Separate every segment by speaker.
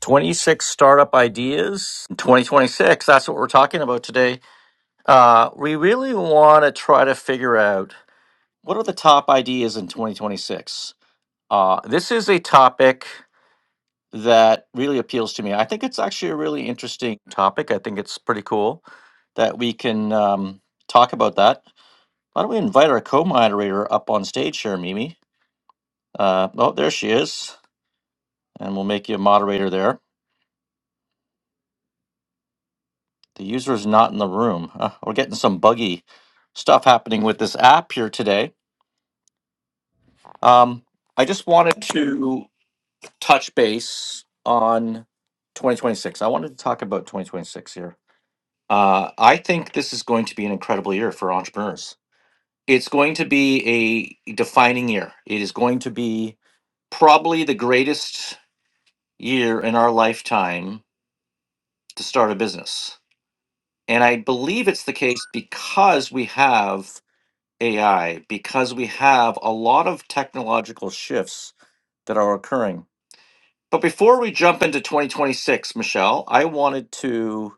Speaker 1: 26 startup ideas in 2026. That's what we're talking about today. Uh, we really want to try to figure out what are the top ideas in 2026. Uh, this is a topic that really appeals to me. I think it's actually a really interesting topic. I think it's pretty cool that we can um, talk about that. Why don't we invite our co moderator up on stage here, Mimi? Uh, oh, there she is. And we'll make you a moderator there. The user is not in the room. Uh, we're getting some buggy stuff happening with this app here today. Um, I just wanted to touch base on 2026. I wanted to talk about 2026 here. Uh, I think this is going to be an incredible year for entrepreneurs. It's going to be a defining year. It is going to be probably the greatest year in our lifetime to start a business. And I believe it's the case because we have AI because we have a lot of technological shifts that are occurring. But before we jump into 2026, Michelle, I wanted to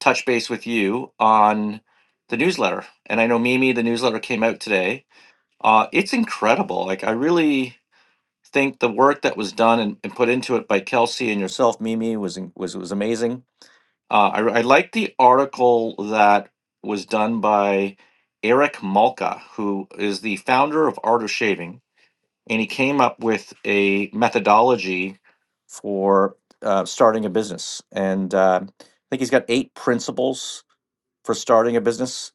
Speaker 1: touch base with you on the newsletter. And I know Mimi, the newsletter came out today. Uh, it's incredible. Like, I really think the work that was done and, and put into it by Kelsey and yourself, Mimi, was was was amazing uh, I, I like the article that was done by Eric Malka, who is the founder of Art of Shaving, and he came up with a methodology for uh, starting a business. And uh, I think he's got eight principles for starting a business.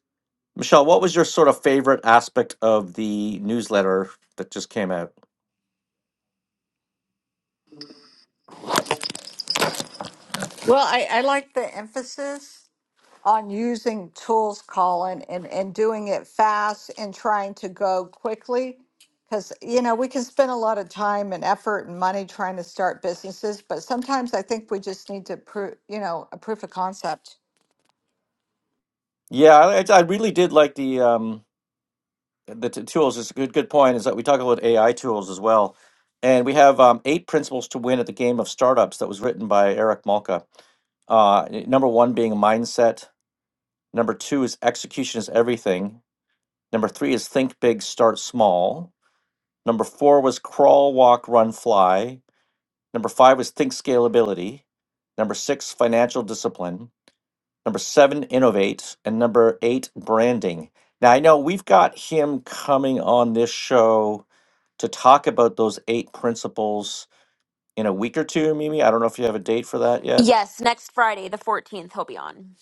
Speaker 1: Michelle, what was your sort of favorite aspect of the newsletter that just came out?
Speaker 2: Well, I, I like the emphasis on using tools, Colin, and, and doing it fast and trying to go quickly. Because, you know, we can spend a lot of time and effort and money trying to start businesses, but sometimes I think we just need to prove, you know, a proof of concept.
Speaker 1: Yeah, I, I really did like the. Um, the t- tools is a good good point is that we talk about AI tools as well, and we have um, eight principles to win at the game of startups that was written by Eric Malka. Uh, n- number one being mindset. Number two is execution is everything. Number three is think big, start small. Number four was crawl, walk, run, fly. Number five was think scalability. Number six, financial discipline. Number seven, innovate. And number eight, branding. Now, I know we've got him coming on this show to talk about those eight principles in a week or two, Mimi. I don't know if you have a date for that yet.
Speaker 3: Yes, next Friday, the 14th, he'll be on.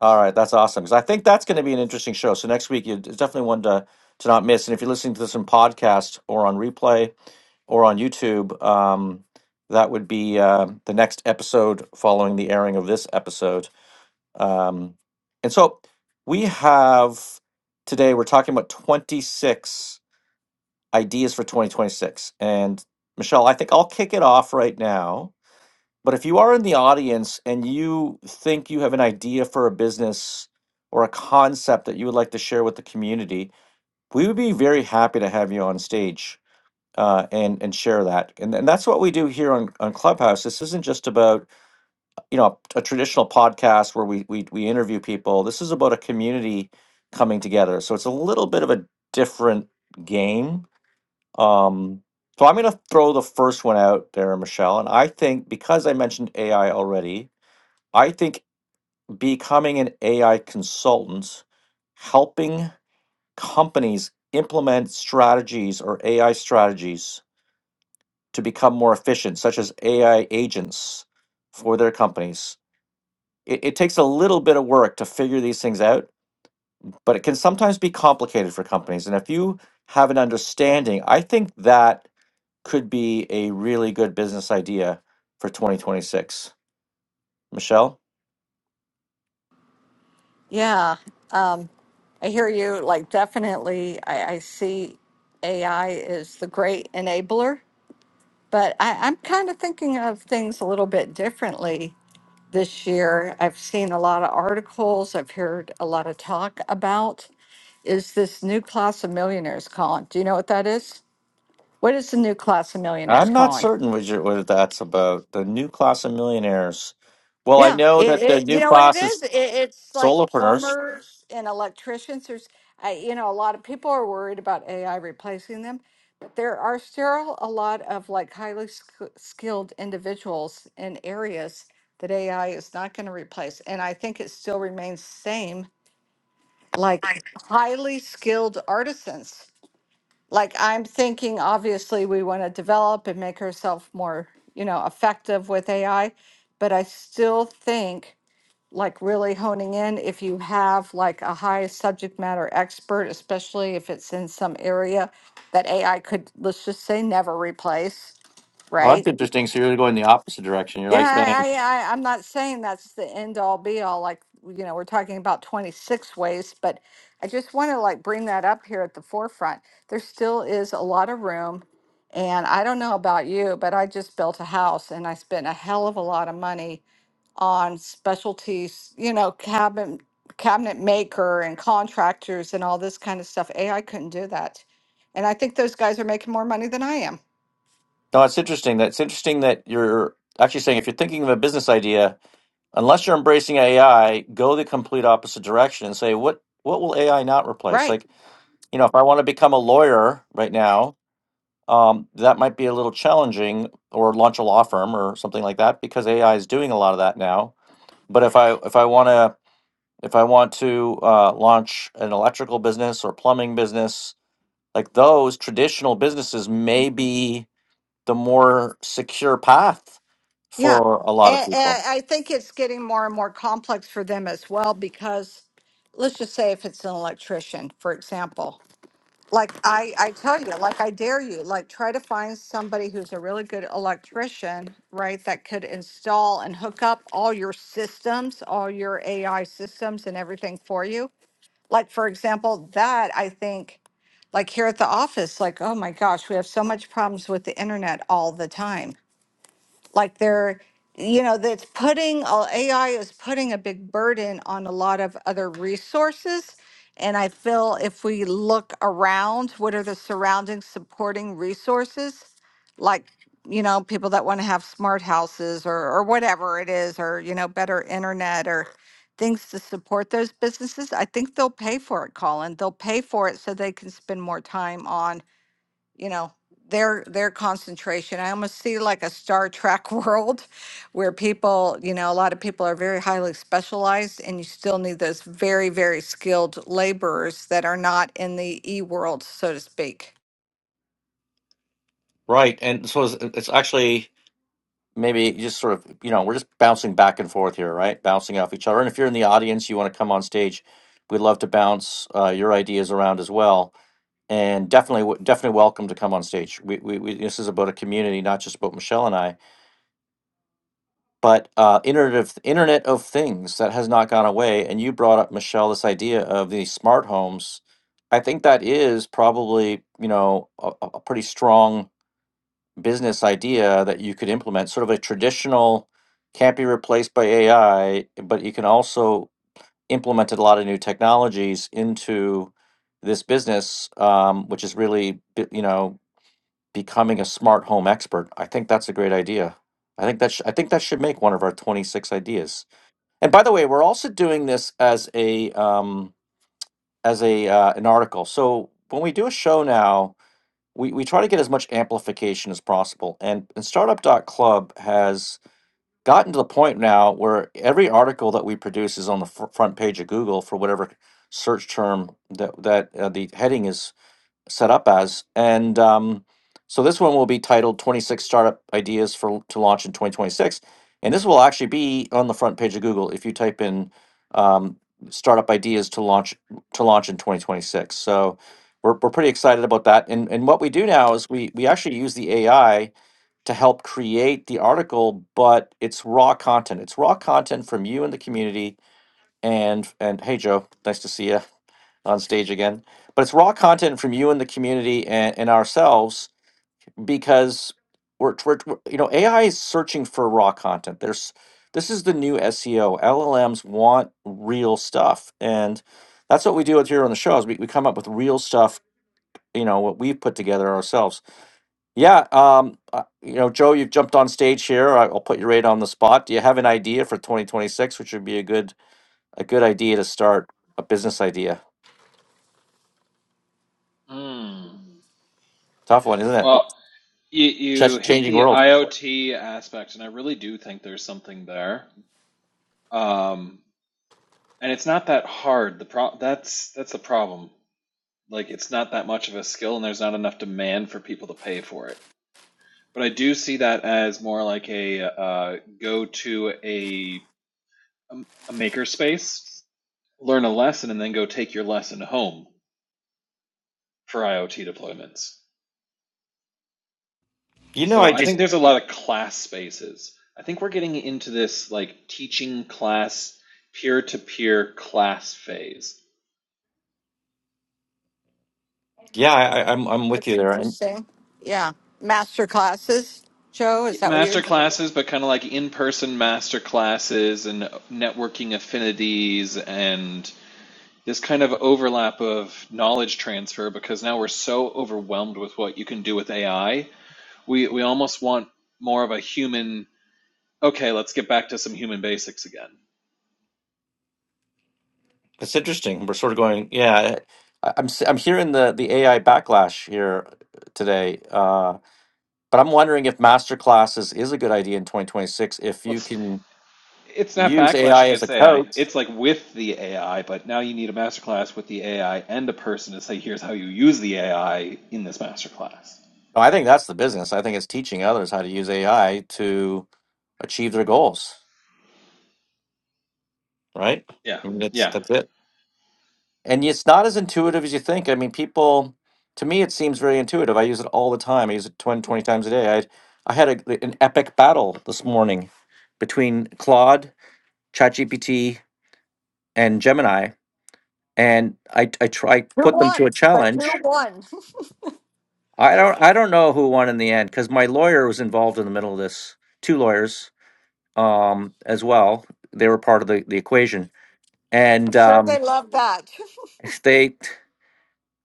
Speaker 1: All right, that's awesome. Because I think that's going to be an interesting show. So next week, you it's definitely one to, to not miss. And if you're listening to this in podcast or on replay or on YouTube, um, that would be uh, the next episode following the airing of this episode. Um, and so we have today, we're talking about 26 ideas for 2026. And Michelle, I think I'll kick it off right now. But if you are in the audience and you think you have an idea for a business or a concept that you would like to share with the community, we would be very happy to have you on stage uh, and and share that. And, and that's what we do here on, on Clubhouse. This isn't just about you know a, a traditional podcast where we, we we interview people this is about a community coming together so it's a little bit of a different game um so i'm going to throw the first one out there michelle and i think because i mentioned ai already i think becoming an ai consultant helping companies implement strategies or ai strategies to become more efficient such as ai agents for their companies it, it takes a little bit of work to figure these things out, but it can sometimes be complicated for companies. And if you have an understanding, I think that could be a really good business idea for 2026. Michelle,
Speaker 2: Yeah. Um, I hear you. Like, definitely, I, I see AI is the great enabler, but I, I'm kind of thinking of things a little bit differently this year. I've seen a lot of articles, I've heard a lot of talk about is this new class of millionaires, Colin. Do you know what that is? What is the new class of millionaires,
Speaker 1: I'm not
Speaker 2: Colin?
Speaker 1: certain what, you what that's about. The new class of millionaires. Well, I
Speaker 2: Yeah,
Speaker 1: know
Speaker 2: it,
Speaker 1: that the
Speaker 2: it you
Speaker 1: new
Speaker 2: know what it
Speaker 1: class
Speaker 2: is?
Speaker 1: is
Speaker 2: It, it's like
Speaker 1: solopreneurs.
Speaker 2: plumbers and electricians. There's, I, you know, a lot of people are worried about AI replacing them, but there are still a lot of like highly sk- skilled individuals in areas that AI is not going to replace. And I think it still remains same like highly skilled artisans. Like I'm thinking, obviously, we want to develop and make ourselves more, you know, effective with AI, but I still think like really honing in if you have like a high subject matter expert, especially if it's in some area that AI could, let's just say, never replace,
Speaker 1: Oh,
Speaker 2: right?
Speaker 1: that's interesting. So you're going the opposite direction. You're
Speaker 2: Yeah,
Speaker 1: like saying,
Speaker 2: I, I, I, I'm not saying that's the end all be all. Like, you know, we're talking about 26 ways, but I just want to like bring that up here at the forefront. There still is a lot of room. And I don't know about you, but I just built a house and I spent a hell of a lot of money on specialties, you know, cabin cabinet maker and contractors and all this kind of stuff. AI couldn't do that. And I think those guys are making more money than I am.
Speaker 1: no, it's interesting. That's interesting that you're actually saying if you're thinking of a business idea, unless you're embracing AI, go the complete opposite direction and say, what what will AI not replace?
Speaker 2: Right.
Speaker 1: Like, you know, if I want to become a lawyer right now, um, that might be a little challenging, or launch a law firm or something like that, because AI is doing a lot of that now. But if I if I want to if I want to uh, launch an electrical business or plumbing business, like those traditional businesses may be the more secure path
Speaker 2: Yeah.
Speaker 1: for a lot of
Speaker 2: And,
Speaker 1: people.
Speaker 2: I think it's getting more and more complex for them as well because let's just say if it's an electrician, for example, like I, I tell you, like I dare you, like try to find somebody who's a really good electrician, right? That could install and hook up all your systems, all your AI systems and everything for you. Like, for example, that I think, like here at the office, like, oh my gosh, we have so much problems with the internet all the time like they're you know that's putting uh, ai is putting a big burden on a lot of other resources and i feel if we look around what are the surrounding supporting resources like you know people that want to have smart houses or or whatever it is or you know better internet or things to support those businesses i think they'll pay for it colin they'll pay for it so they can spend more time on you know their their concentration i almost see like a star trek world where people you know a lot of people are very highly specialized and you still need those very very skilled laborers that are not in the e world so to speak
Speaker 1: Right, and so it's, it's actually maybe just sort of you know we're just bouncing back and forth here right bouncing off each other and if you're in the audience you want to come on stage we'd love to bounce uh, your ideas around as well and definitely w- definitely welcome to come on stage we, we, we this is about a community not just about michelle and i but uh, internet of internet of things that has not gone away and you brought up michelle this idea of the smart homes i think that is probably you know a, a a pretty strong business idea that you could implement, sort of a traditional can't be replaced by AI, but you can also implement a lot of new technologies into this business, um, which is really, be- you know, becoming a smart home expert. I think that's a great idea. I think that sh- I think that should make one of our 26 ideas. And by the way, we're also doing this as a um, as a uh, an article. So when we do a show now, we, we try to get as much amplification as possible. And, and Startup dot Club has gotten to the point now where every article that we produce is on the fr- front page of Google for whatever search term that, that uh, the heading is set up as. And um, so this one will be titled 26 Startup Ideas for to Launch in 2026. And this will actually be on the front page of Google if you type in um, startup ideas to launch to launch in 2026. So we're, we're pretty excited about that. And, and what we do now is we, we actually use the AI to help create the article, but it's raw content. It's raw content from you and the community. And and hey Joe, nice to see you on stage again. But it's raw content from you and the community and, and ourselves because we're, we're, we're- you know AI is searching for raw content. There's this is the new SEO. LLMs want real stuff, and that's what we do here on the show. Is we, we come up with real stuff. You know what we've put together ourselves. Yeah, um, uh, you know, Joe, you've jumped on stage here. I- I'll put you right on the spot. Do you have an idea for 2026, which would be a good a good idea to start a business idea?
Speaker 4: Hmm.
Speaker 1: Tough one, isn't it?
Speaker 4: Well, you you
Speaker 1: Ch-
Speaker 4: hit
Speaker 1: changing
Speaker 4: the
Speaker 1: world.
Speaker 4: IoT aspect, and I really do think there's something there. Um, and it's not that hard. The pro that's that's the problem. Like it's not that much of a skill, and there's not enough demand for people to pay for it. But I do see that as more like a uh, go to a um, a maker space, learn a lesson, and then go take your lesson home for IoT deployments.
Speaker 1: You know,
Speaker 4: So
Speaker 1: I
Speaker 4: I think
Speaker 1: just
Speaker 4: there's a lot of class spaces. I think we're getting into this like teaching class, peer to peer class phase.
Speaker 1: yeah, I, I- I'm I'm with
Speaker 2: that's
Speaker 1: you there. And
Speaker 2: interesting yeah master classes joe is that what you're
Speaker 4: Master classes, but kind of like in person master classes and networking affinities and this kind of overlap of knowledge transfer because now we're so overwhelmed with what you can do with AI. We, we almost want more of a human, okay, let's get back to some human basics again.
Speaker 1: it's interesting. We're sort of going, yeah. I- I'm s- I'm hearing the the AI backlash here uh, today, uh, but I'm wondering if master classes is a good idea in 2026 if you
Speaker 4: Let's
Speaker 1: can
Speaker 4: It's not
Speaker 1: use
Speaker 4: backlash
Speaker 1: AI as a
Speaker 4: against AI.
Speaker 1: coach.
Speaker 4: It's like with the AI, but now you need a masterclass with the AI and a person to say, here's how you use the AI in this masterclass.
Speaker 1: No, I think that's the business. I think it's teaching others how to use AI to achieve their goals, right?
Speaker 4: Yeah,
Speaker 1: I mean, that's
Speaker 4: yeah.
Speaker 1: that's it. And it's not as intuitive as you think. I mean, people, to me, it seems very intuitive. I use it all the time. I use it 20 20 times a day. I I had a, an epic battle this morning between Claude, ChatGPT, and Gemini, and I I try
Speaker 2: who
Speaker 1: put them to a
Speaker 2: won but who
Speaker 1: challenge.
Speaker 2: won
Speaker 1: I don't I don't know who won in the end because my lawyer was involved in the middle of this. Two lawyers um, as well. They were part of the, the equation,
Speaker 2: i'm
Speaker 1: and
Speaker 2: sure they
Speaker 1: um,
Speaker 2: love that
Speaker 1: they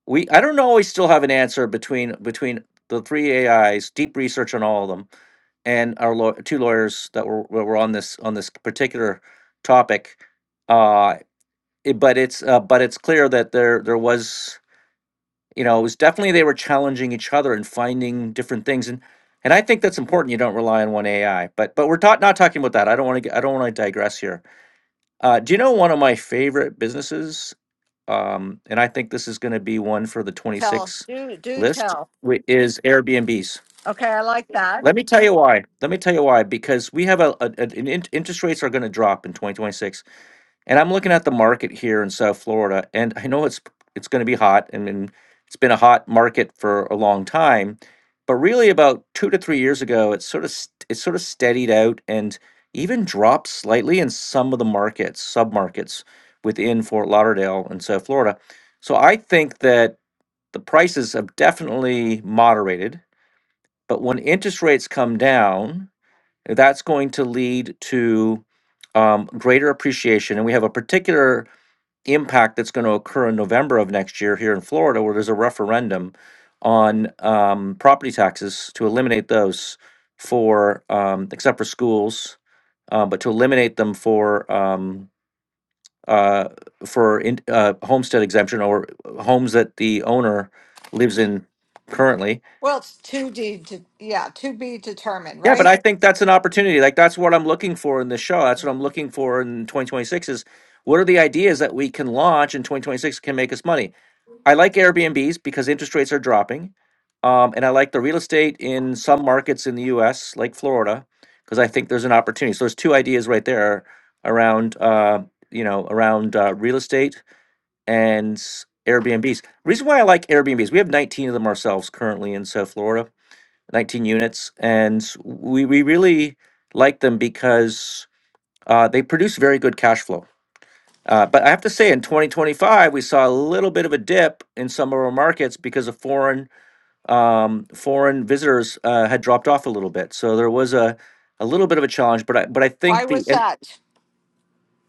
Speaker 1: we I don't always still have an answer between between the three AIs, deep research on all of them, and our law, two lawyers that were were on this on this particular topic. Uh, it- but it's uh, but it's clear that there there was you know it was definitely they were challenging each other and finding different things and. And I think that's important. You don't rely on one AI, but but we're ta- not talking about that. I don't want to. I don't want to digress here Uh, do you know one of my favorite businesses? Um, and I think this is going to be one for the
Speaker 2: tell us
Speaker 1: 26
Speaker 2: do do
Speaker 1: list,
Speaker 2: tell
Speaker 1: which is Airbnbs.
Speaker 2: okay i like that
Speaker 1: Let me tell you why. Let me tell you why. Because we have a, a, a- an in, interest rates are going to drop in 2026. And I'm looking at the market here in South Florida, and I know it's it's going to be hot, and, and it's been a hot market for a long time. But really, about two to three years ago, it sort of st- it sort of steadied out and even dropped slightly in some of the markets, submarkets within Fort Lauderdale and South Florida. So I think that the prices have definitely moderated. But when interest rates come down, that's going to lead to um, greater appreciation. And we have a particular impact that's going to occur in November of next year here in Florida, where there's a referendum on um, property taxes to eliminate those for, um, except for schools, uh, but to eliminate them for um, uh, for in, uh, homestead exemption or homes that the owner lives in currently.
Speaker 2: well it's to d de- yeah to be determined
Speaker 1: Yeah,
Speaker 2: right
Speaker 1: but I think that's an opportunity. Like that's what I'm looking for in this show. That's what I'm looking for in 2026 is what are the ideas that we can launch in 2026 can make us money I like Airbnbs because interest rates are dropping. Um, and I like the real estate in some markets in the US, like Florida, because I think there's an opportunity. So there's two ideas right there around, uh, you know, around uh, real estate and s- Airbnbs. Reason why I like Airbnbs, we have 19 of them ourselves currently in South Florida, 19 units. And we, we really like them because uh, they produce very good cash flow uh, but I have to say, in 2025, we saw a little bit of a dip in some of our markets because of foreign um, foreign visitors uh, had dropped off a little bit. So there was a a little bit of a challenge. But I but I
Speaker 2: Why
Speaker 1: think the
Speaker 2: was
Speaker 1: and,
Speaker 2: that?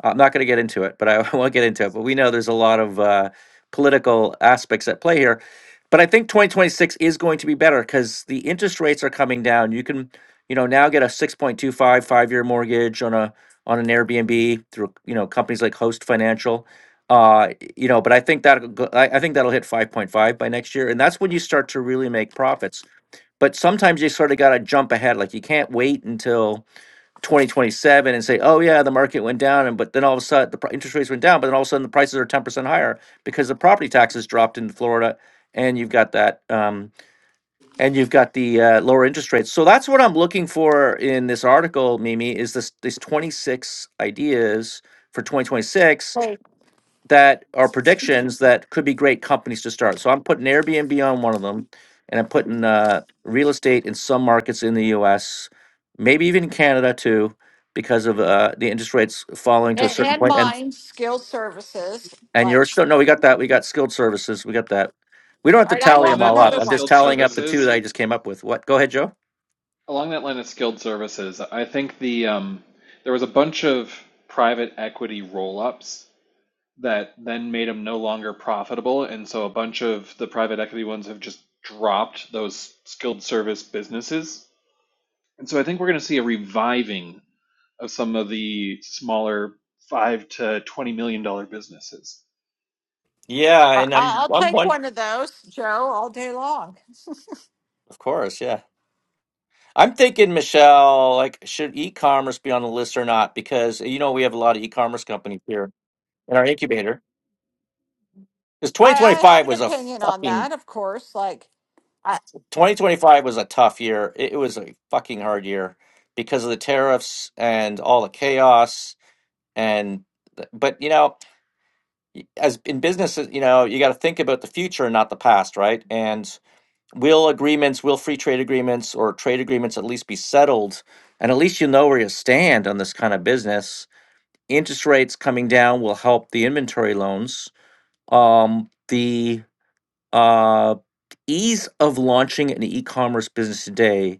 Speaker 1: I'm not going to get into it, but I won't get into it. But we know there's a lot of uh, political aspects at play here. But I think 2026 is going to be better because the interest rates are coming down. You can, you know, now get a 6.25 five five year mortgage on a on an Airbnb through you know companies like Host Financial. Uh, you know, but I think that I I think that'll hit 5.5 by next year, and that's when you start to really make profits. But sometimes you sort of got to jump ahead. Like you can't wait until 2027 and say, oh yeah, the market went down, and but then all of a sudden the pri- interest rates went down, but then all of a sudden the prices are 10% higher because the property taxes dropped in Florida, and you've got that, um, and you've got the uh, lower interest rates. So that's what I'm looking for in this article, Mimi, is this these 26 ideas for 2026
Speaker 2: Okay.
Speaker 1: that are predictions that could be great companies to start. So I'm putting Airbnb on one of them, and I'm putting uh, real estate in some markets in the U.S., maybe even Canada too, because of uh, the interest rates falling to a
Speaker 2: And,
Speaker 1: certain
Speaker 2: and
Speaker 1: point. And
Speaker 2: mine, skill services.
Speaker 1: and
Speaker 2: Like,
Speaker 1: you're still no, we got that. We got skilled services. We got that. We don't have
Speaker 2: all
Speaker 1: to
Speaker 2: right, I
Speaker 1: tally
Speaker 4: Along
Speaker 1: them
Speaker 2: have
Speaker 1: all
Speaker 4: that line
Speaker 1: up.
Speaker 2: another
Speaker 4: of
Speaker 1: I'm just
Speaker 2: one.
Speaker 4: skilled
Speaker 1: tallying up the two
Speaker 4: services,
Speaker 1: that I just came up with. What? Go ahead, Joe.
Speaker 4: along that line of skilled services, I think the um, there was a bunch of private equity roll-ups that then made them no longer profitable, and so a bunch of the private equity ones have just dropped those skilled service businesses And so I think we're going to see a reviving of some of the smaller five to twenty million dollar businesses.
Speaker 1: Yeah,
Speaker 2: I,
Speaker 1: and
Speaker 2: I-
Speaker 1: I'm
Speaker 2: I'll
Speaker 1: I'm
Speaker 2: take
Speaker 1: one
Speaker 2: one of those, Joe, all day long.
Speaker 1: of course, yeah. I'm thinking, Michelle, like should e-commerce be on the list or not? Because you know we have a lot of e-commerce companies here in our incubator. Because
Speaker 2: I, I have
Speaker 1: 2025
Speaker 2: an
Speaker 1: was a
Speaker 2: opinion on
Speaker 1: fucking
Speaker 2: that, of course. Like, I,
Speaker 1: 2025 was a tough year. It it was a fucking hard year because of the tariffs and all the chaos and but you know as in business you know you got to think about the future and not the past right and will agreements will free trade agreements or trade agreements at least be settled and at least you know where you stand on this kind of business interest rates coming down will help the inventory loans um the uh ease of launching an e-commerce business today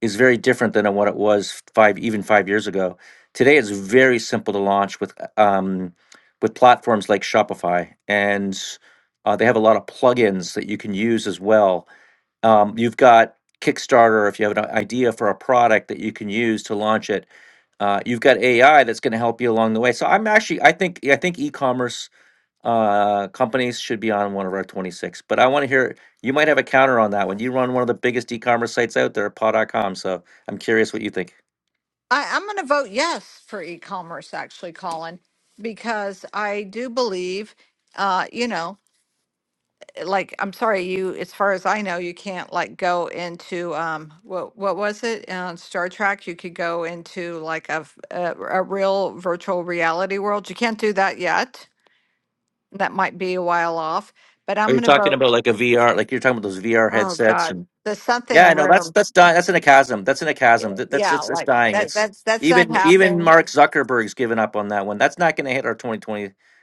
Speaker 1: is very different than what it was five even five years ago. Today, it's very simple to launch with um, with platforms like Shopify, and uh, they have a lot of plugins that you can use as well. Um, you've got Kickstarter if you have an idea for a product that you can use to launch it. Uh, you've got AI that's going to help you along the way. So I'm actually I think I think e-commerce uh, companies should be on one of our 26. But I want to hear, you might have a counter on that one. You run one of the biggest e-commerce sites out there, Paw. dot com. So I'm curious what you think.
Speaker 2: I, I'm going to vote yes for e commerce, actually, Colin, because I do believe, uh, you know, like I'm sorry, you as far as I know, you can't like go into um what what was it on Star Trek? You could go into like a f- a, a real virtual reality world. You can't do that yet. That might be a while off, but
Speaker 1: Are
Speaker 2: I'm
Speaker 1: you
Speaker 2: gonna
Speaker 1: talking
Speaker 2: vote.
Speaker 1: about like a VR, like you're talking about those VR
Speaker 2: Oh
Speaker 1: headsets
Speaker 2: God,
Speaker 1: and
Speaker 2: the
Speaker 1: yeah,
Speaker 2: something
Speaker 1: no, that's,
Speaker 2: room.
Speaker 1: that's dying. That's in a chasm. That's in a
Speaker 2: Yeah,
Speaker 1: chasm. That, that's,
Speaker 2: yeah,
Speaker 1: it's, it's
Speaker 2: like
Speaker 1: dying.
Speaker 2: that.
Speaker 1: It's
Speaker 2: That's that's not
Speaker 1: even, even
Speaker 2: happened.
Speaker 1: Mark Zuckerberg's given up on that one. That's not going to hit our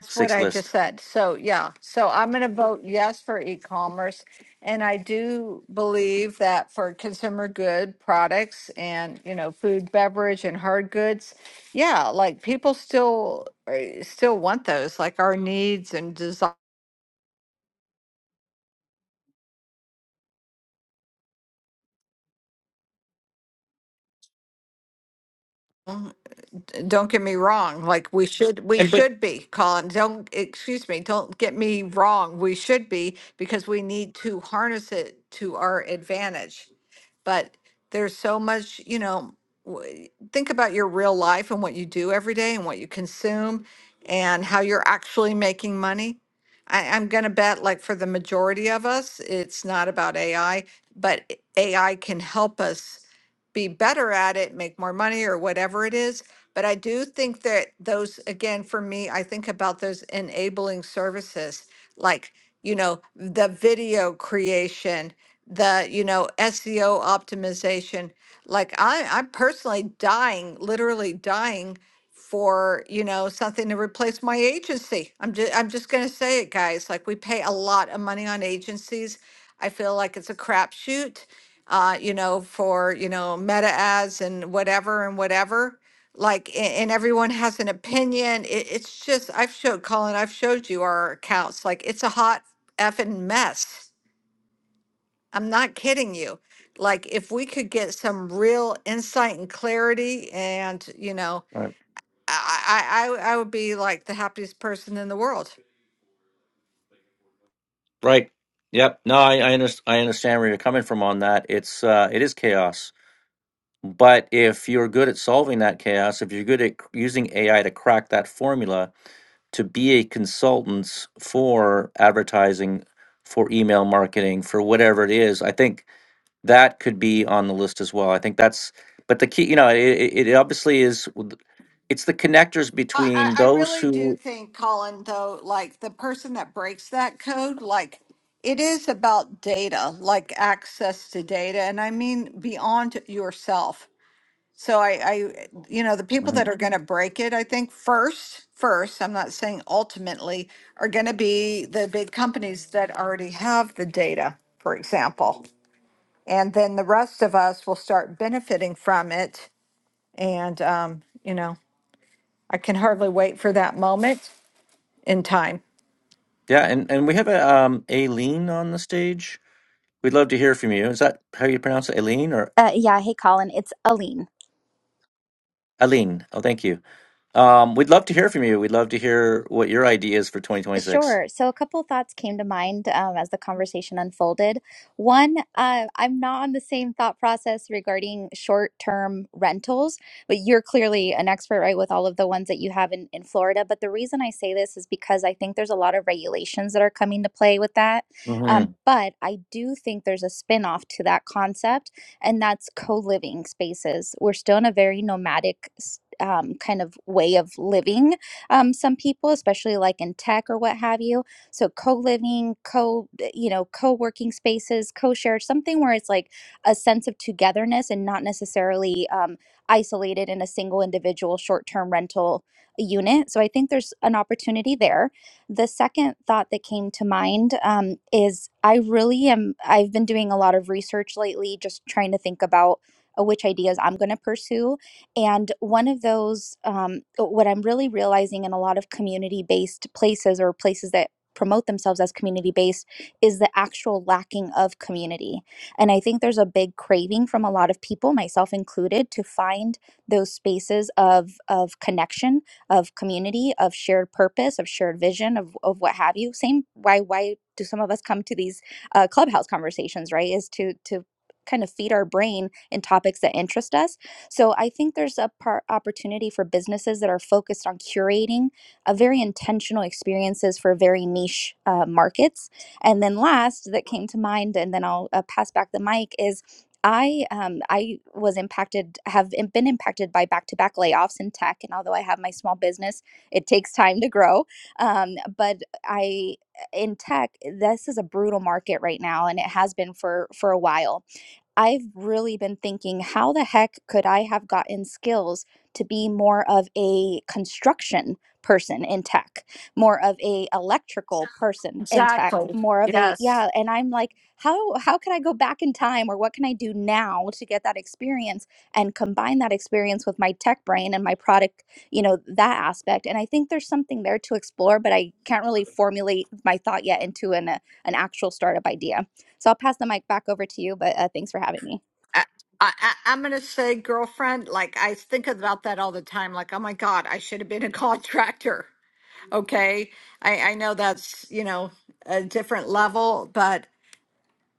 Speaker 2: That's what I just
Speaker 1: list.
Speaker 2: said. So, yeah, so I'm going to vote yes for e-commerce. And I do believe that for consumer good products and, you know, food, beverage and hard goods, yeah, like people still eh, still want those, like our needs and desires. d- don't get me wrong, like we should, we
Speaker 1: And, but,
Speaker 2: should be, Colin, don't, excuse me, don't get me wrong, we should be, because we need to harness it to our advantage. But there's so much, you know, w- think about your real life and what you do every day and what you consume and how you're actually making money. I, I'm gonna bet like for the majority of us, it's not about AI, but AI can help us be better at it, make more money or whatever it is, but I do think that those, again, for me, I think about those enabling services, like, you know, the video creation, the, you know, SEO optimization. Like I, I'm personally dying, literally dying for, you know, something to replace my agency. I'm just, I'm just gonna say it, guys. Like we pay a lot of money on agencies. I feel like it's a crapshoot, uh, you know, for, you know, meta ads and whatever and whatever like a- and everyone has an opinion it, it's just i've showed colin i've showed you our accounts like it's a hot effing mess i'm not kidding you like if we could get some real insight and clarity and you know
Speaker 1: right.
Speaker 2: i i i I would be like the happiest person in the world
Speaker 1: right. Yep. No, I, I, under, I understand where you're coming from on that. It's, uh, it is chaos But if you're good at solving that chaos, if you're good at c- using AI to crack that formula to be a consultant for advertising, for email marketing, for whatever it is, I think that could be on the list as well. I think that's, but the key, you know, it, it it obviously is, w- it's the connectors
Speaker 2: I, I
Speaker 1: between
Speaker 2: I
Speaker 1: those
Speaker 2: really do
Speaker 1: who,
Speaker 2: think, Colin, though, like the person that breaks that code, like it is about data, like access to data. And I mean beyond yourself So I, I, you know, the people that
Speaker 1: Mhm.
Speaker 2: are going to break it, I think first, first, I'm not saying ultimately, are going to be the big companies that already have the data, for example. And then the rest of us will start benefiting from it. And, um, you know, I can hardly wait for that moment in time.
Speaker 1: yeah, and, and we have a um, Aileen on the stage. We'd love to hear from you. Is that how you pronounce it? Aileen or
Speaker 5: Uh, yeah, hey Colin, it's Aline.
Speaker 1: Aileen? Oh, thank you. Um, we'd love to hear from you. We'd love to hear what your idea is for 2026.
Speaker 5: Sure. So a couple thoughts came to mind um, as the conversation unfolded. One, uh, I'm not on the same thought process regarding short-term rentals, but you're clearly an expert, right, with all of the ones that you have in, in Florida. But the reason I say this is because I think there's a lot of regulations that are coming to play with that.
Speaker 1: hmm
Speaker 5: Um, but I do think there's a spin-off to that concept, and that's co-living spaces. We're still in a very nomadic s- um, kind of way of living um, some people, especially like in tech or what have you. So co-living, co, eh, you know, co-working spaces, co-shared, something where it's like a sense of togetherness and not necessarily um, isolated in a single individual short-term rental unit. So I think there's an opportunity there. The second thought that came to mind um, is I really am, I've been doing a lot of research lately, just trying to think about uh, which ideas I'm going to pursue and one of those, um, uh, what I'm really realizing in a lot of community based places or places that promote themselves as community based is the actual lacking of community. And I think there's a big craving from a lot of people, myself included, to find those spaces of, of connection, of community, of shared purpose, of shared vision, of, of what have you. Same, why, why do some of us come to these uh, clubhouse conversations, right? Is to, to kind of feed our brain in topics that interest us so I think there's a par- opportunity for businesses that are focused on curating a very intentional experiences for very niche uh, markets. And then last that came to mind, and then I'll uh, pass back the mic is. I um, I was impacted have im- been impacted by back to back layoffs in tech, and although I have my small business, it takes time to grow. Um, but I in tech, this is a brutal market right now, and it has been for for a while I've really been thinking, how the heck could I have gotten skills to be more of a construction person in tech, more of a electrical person in tech,
Speaker 2: Exactly.
Speaker 5: more of a
Speaker 2: Yes.
Speaker 5: yeah, and I'm like, how how can I go back in time or what can I do now to get that experience and combine that experience with my tech brain and my product, you know, that aspect. And I think there's something there to explore, but I can't really formulate my thought yet into an uh, an actual startup idea. So I'll pass the mic back over to you, but uh, thanks for having me.
Speaker 2: I, I, I- I'm going to say, girlfriend, like I think about that all the time. Like, oh my God, I should have been a contractor. Okay. I, I know that's, you know, a different level, but,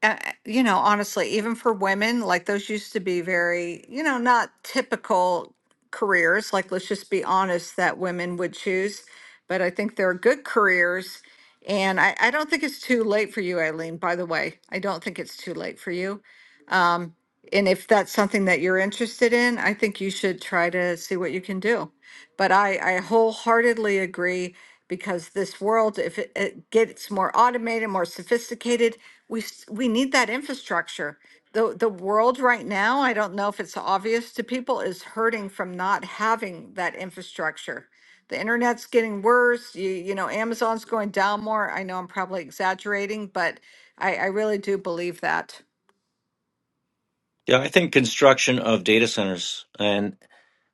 Speaker 2: uh, you know, honestly, even for women, like those used to be very, you know, not typical careers. Like, let's just be honest that women would choose. But I think they're good careers. And I, I don't think it's too late for you, Eileen, by the way. I don't think it's too late for you. Um, and if that's something that you're interested in, I think you should try to see what you can do. But I, I wholeheartedly agree because this world, if it, it gets more automated, more sophisticated, we s- we need that infrastructure. The the world right now, I don't know if it's obvious to people, is hurting from not having that infrastructure. The internet's getting worse. You you know, Amazon's going down more. I know I'm probably exaggerating, but I, I really do believe that.
Speaker 1: Yeah, I think construction of data centers. And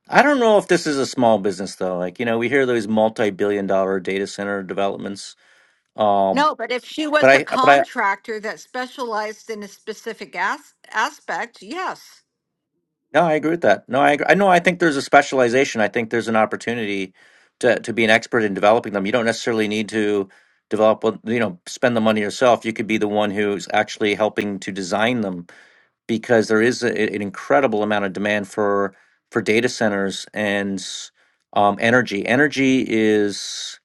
Speaker 1: I don't know if this is a small business though. Like, you know, we hear those multi-billion dollar data center developments. Um,
Speaker 2: No, but if she
Speaker 1: but
Speaker 2: was a
Speaker 1: I, but I,
Speaker 2: contractor that specialized in a specific as- aspect, yes.
Speaker 1: no, I agree with that. No, I, agree. I know. I think there's a specialization. I think there's an opportunity to, to be an expert in developing them. You don't necessarily need to develop, you know, spend the money yourself. You could be the one who's actually helping to design them because there is a, an incredible amount of demand for for data centers and um, energy. Energy is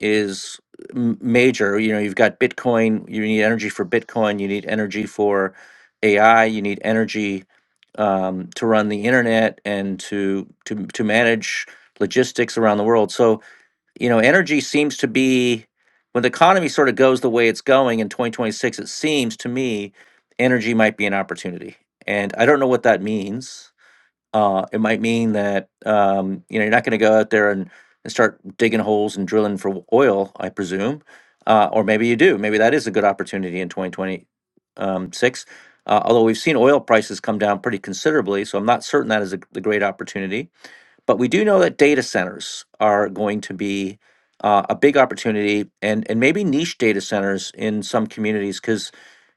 Speaker 1: is m- major. You know, you've got Bitcoin. You need energy for Bitcoin. You need energy for AI. You need energy um, to run the internet and to to to manage logistics around the world. So you know, energy seems to be when the economy sort of goes the way it's going in 2026, it seems to me energy might be an opportunity. And I don't know what that means. Uh, it might mean that, um, you know, you're not going to go out there and, and start digging holes and drilling for w- oil, I presume. Uh, or maybe you do. Maybe that is a good opportunity in 2026. Uh, although we've seen oil prices come down pretty considerably, so I'm not certain that is a, the great opportunity but we do know that data centers are going to be uh, a big opportunity and, and maybe niche data centers in some communities because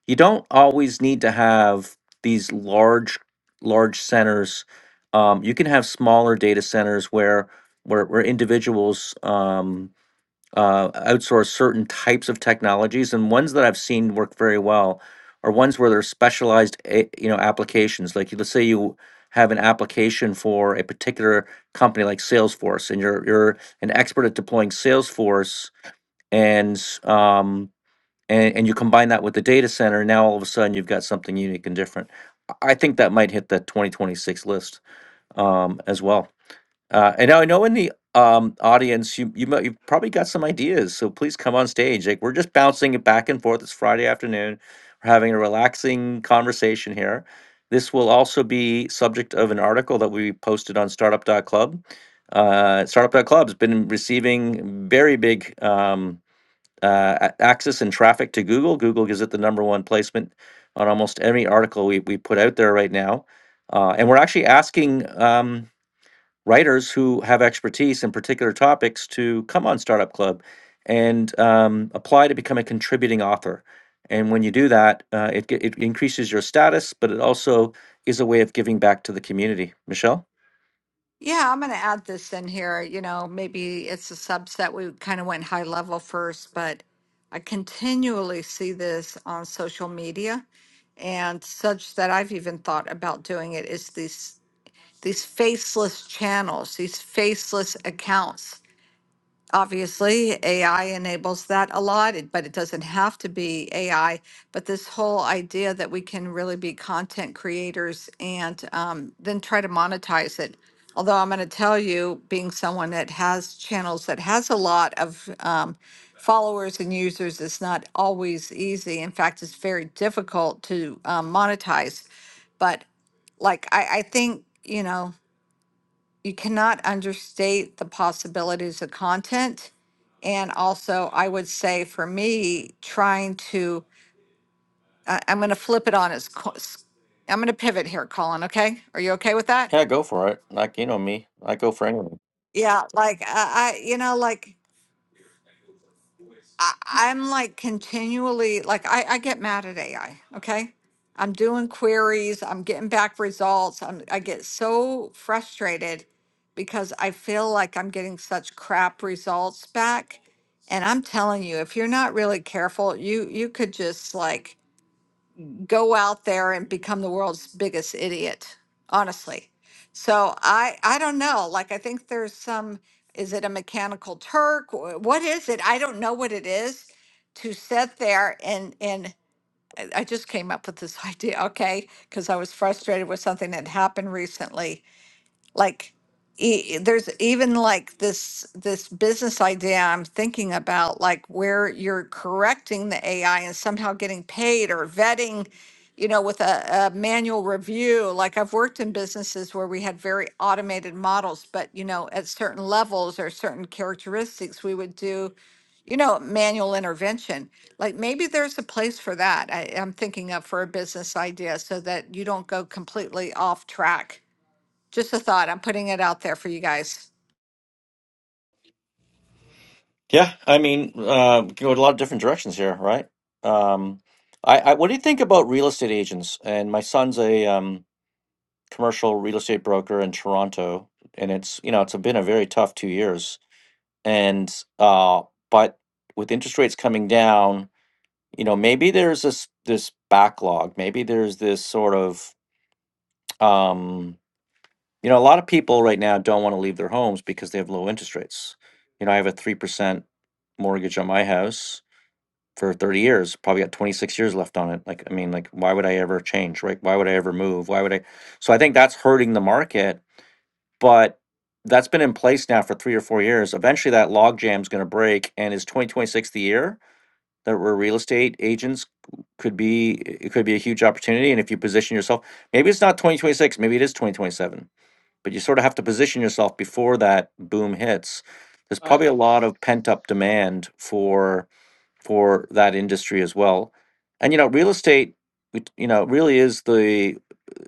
Speaker 1: you don't always need to have these large, large centers. Um, you can have smaller data centers where where, where individuals, um, uh, outsource certain types of technologies, and ones that I've seen work very well are ones where there's specialized, a- you know, applications. Like let's say you have an application for a particular company like Salesforce, and you're you're an expert at deploying Salesforce, and um, and, and you combine that with the data center. Now all of a sudden you've got something unique and different. I I think that might hit the 2026 list um, as well. Uh, and now I know in the um, audience, you you might, you've probably got some ideas, so please come on stage. Like we're just bouncing it back and forth. It's Friday afternoon. We're having a relaxing conversation here. This will also be subject of an article that we posted on Startup dot Club. Uh, startup dot Club has been receiving very big um, uh, a- access and traffic to Google. Google gives it the number one placement on almost every article we, we put out there right now. Uh, and we're actually asking. Um, writers who have expertise in particular topics to come on Startup Club and um, apply to become a contributing author. And when you do that, uh, it, ge- it increases your status, but it also is a way of giving back to the community. Michelle?
Speaker 2: Yeah, I'm going to add this in here. You know, maybe it's a subset. We kind of went high level first, but I continually see this on social media and such that I've even thought about doing it is these these faceless channels, these faceless accounts Obviously, AI enables that a lot, it- but it doesn't have to be AI. But this whole idea that we can really be content creators and um, then try to monetize it. Although I'm going to tell you, being someone that has channels that has a lot of um, followers and users, is not always easy. In fact, it's very difficult to um, monetize. But like, I, I think, you know, you cannot understate the possibilities of content. And also, I would say for me, trying to, I I'm going to flip it on its, co- s- I'm going to pivot here, Colin. Okay. Are you okay with that?
Speaker 1: Yeah, go for it. Like, you know me, I go for anything.
Speaker 2: Yeah. Like, I, I you know, like, I, I'm like continually like I, I get mad at AI. Okay, I'm doing queries. I'm getting back results. I'm I get so frustrated because I feel like I'm getting such crap results back. And I'm telling you, if you're not really careful, you you could just like go out there and become the world's biggest idiot honestly so i i don't know like i think there's some is it a mechanical turk Wh- what is it i don't know what it is to sit there and and i I just came up with this idea okay because i was frustrated with something that happened recently like e- there's even like this this business idea i'm thinking about like where you're correcting the ai and somehow getting paid or vetting you know with a, a manual review like i've worked in businesses where we had very automated models but you know at certain levels or certain characteristics we would do you know manual intervention like maybe there's a place for that I, i'm thinking of for a business idea so that you don't go completely off track just a thought. I'm putting it out there for you guys.
Speaker 1: Yeah, I mean, uh, go a lot of different directions here, right? Um, I, I, what do you think about real estate agents? And my son's a um, commercial real estate broker in Toronto, and it's you know it's been a very tough two years. And uh, but with interest rates coming down, you know maybe there's this this backlog, maybe there's this sort of um, you know a lot of people right now don't want to leave their homes because they have low interest rates. You know, I have a three percent mortgage on my house for 30 years probably got 26 years left on it like i mean like why would i ever change right why would i ever move why would i so i think that's hurting the market but that's been in place now for three or four years eventually that log jam's going to break and is 2026 the year that where real estate agents could be it could be a huge opportunity and if you position yourself maybe it's not 2026 maybe it is 2027 but you sort of have to position yourself before that boom hits there's
Speaker 4: I,
Speaker 1: probably a lot of pent up demand for for that industry as well. And you know, real estate, it- you know, really is the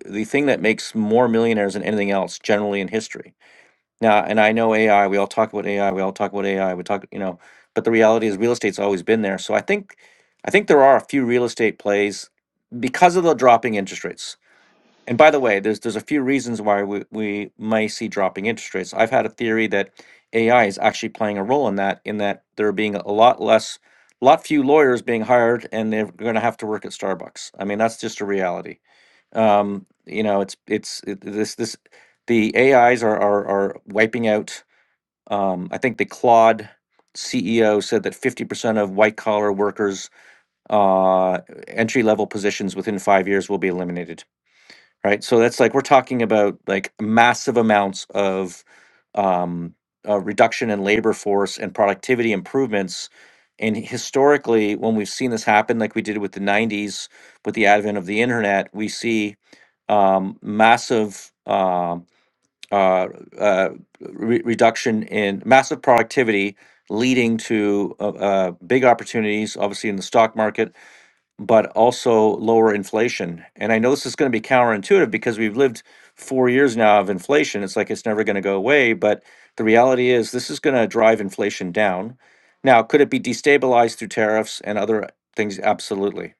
Speaker 1: the thing that makes more millionaires than anything else generally in history. Now, and I know AI. We all talk about AI. We all talk about AI. We talk, you know, but the reality is, real estate's always been there. So I think, I think there are a few real estate plays because of the dropping interest rates. And by the way, there's there's a few reasons why we, we may see dropping interest rates. I've had a theory that AI is actually playing a role in that, in that there being a lot less, lot few lawyers being hired, and they're going to have to work at Starbucks. I mean, that's just a reality. Um, you know, it's it's it, this this the AIs are are, are wiping out. Um, I think the Claude CEO said that 50% of white collar workers, uh, entry level positions within five years will be eliminated right? So that's like we're talking about like massive amounts of um, uh, reduction in labor force and productivity improvements. And historically, when we've seen this happen, like we did with the '90s, with the advent of the internet, we see um, massive uh, uh, uh, re- reduction in massive productivity, leading to uh, uh, big opportunities, obviously in the stock market, but also lower inflation. And I know this is going to be counterintuitive because we've lived four years now of inflation. It's like it's never going to go away. But the reality is, this is going to drive inflation down. Now, could it be destabilized through tariffs and other things? Absolutely.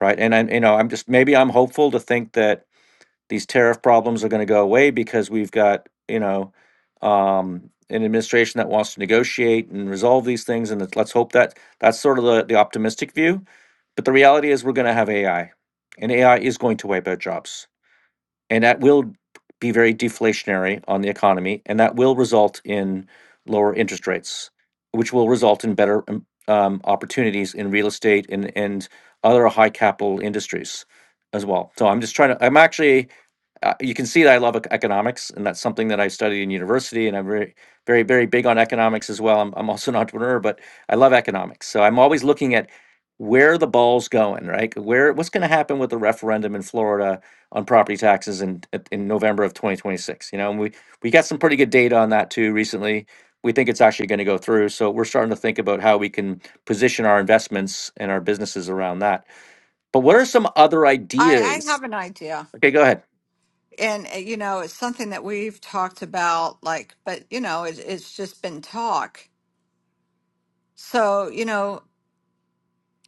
Speaker 1: Right. And I, you know, I'm just maybe I'm hopeful to think that these tariff problems are going to go away because we've got, you know, um, an administration that wants to negotiate and resolve these things. And let's hope that that's sort of the, the optimistic view but the reality is, we're going to have AI, and AI is going to wipe out jobs. And that will be very deflationary on the economy, and that will result in lower interest rates, which will result in better um, um, opportunities in real estate and, and other high capital industries as well. So I'm just trying to, I'm actually uh, you can see that I love ec- economics, and that's something that I studied in university, and I'm very, very, very big on economics as well. I'm, I'm also an entrepreneur, but I love economics, so I'm always looking at where the ball's going, right? Where what's going to happen with the referendum in Florida on property taxes in at- in November of 2026? You know, and we we got some pretty good data on that too recently. We think it's actually going to go through, so we're starting to think about how we can position our investments and our businesses around that. But what are some other
Speaker 2: I, I
Speaker 1: ideas?
Speaker 2: have an idea.
Speaker 1: Okay, go ahead.
Speaker 2: And, uh, you know, it's something that we've talked about, like, but, you know, it, it's just been talk. So, you know,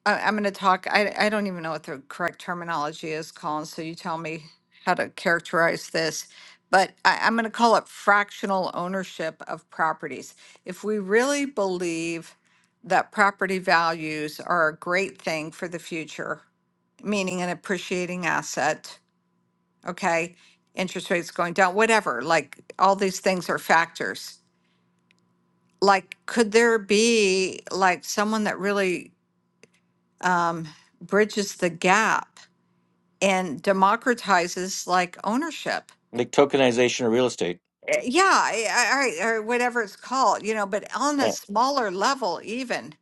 Speaker 2: I, I'm going to talk. I, I don't even know what the correct terminology is, Colin. So you tell me how to characterize this. But I, I'm going to call it fractional ownership of properties. If we really believe that property values are a great thing for the future, meaning an appreciating asset, okay, interest rates going down, whatever, like all these things are factors. Like, could there be like someone that really um, bridges the gap and democratizes like ownership.
Speaker 1: like tokenization of real estate.
Speaker 2: Uh, Yeah, I, I, I- or whatever it's called, you know, but on a
Speaker 1: Yeah.
Speaker 2: smaller level, even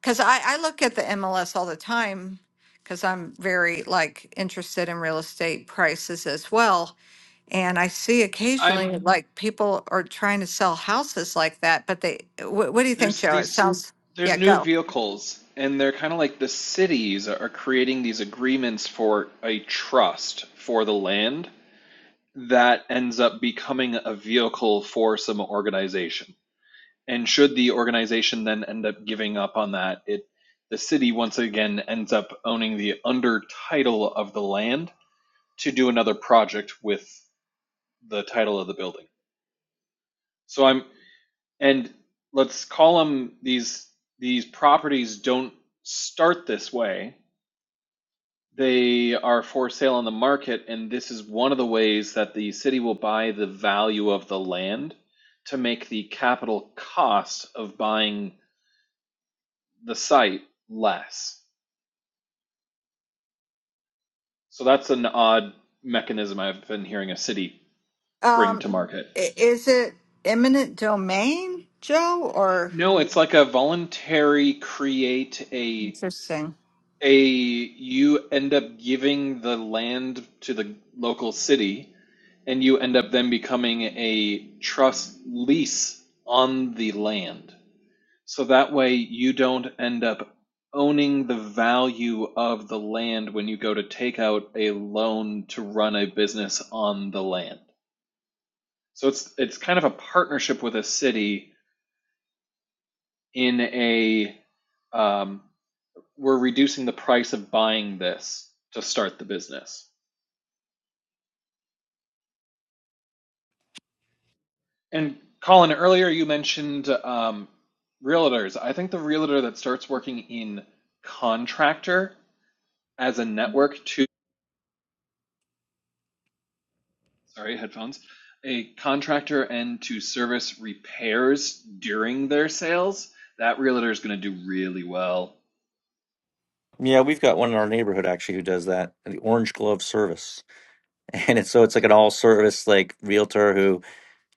Speaker 2: because I, I look at the MLS all the time because I'm very like interested in real estate prices as well. And I see
Speaker 4: I'm
Speaker 2: occasionally like people are trying to sell houses like that, but they, what, what do you think,
Speaker 4: there's
Speaker 2: Joe? It
Speaker 4: these
Speaker 2: sounds,
Speaker 4: there's
Speaker 2: yeah,
Speaker 4: new
Speaker 2: go.
Speaker 4: vehicles, and they're kind of like the cities are creating these agreements for a trust for the land that ends up becoming a vehicle for some organization. And should the organization then end up giving up on that, it the city once again ends up owning the under title of the land to do another project with the title of the building. So I'm and let's call them these these properties don't start this way. They are for sale on the market and this is one of the ways that the city will buy the value of the land to make the capital cost of buying the site less. So that's an odd mechanism I've been hearing a city bring
Speaker 2: Um,
Speaker 4: to market.
Speaker 2: i- is it eminent domain, Joe, or
Speaker 4: No, it's like a voluntary create a
Speaker 2: interesting?
Speaker 4: a you end up giving the land to the local city and you end up then becoming a trust lease on the land so that way you don't end up owning the value of the land when you go to take out a loan to run a business on the land so it's it's kind of a partnership with a city in a um, we're reducing the price of buying this to start the business And Colin, earlier you mentioned um, realtors. I think the realtor that starts working in contractor as a network to, sorry, headphones, a contractor and to service repairs during their sales, that realtor is going to do really well.
Speaker 1: Yeah, we've got one in our neighborhood actually who does that, the Orange Glove service. And it's so it's like an all service like realtor who,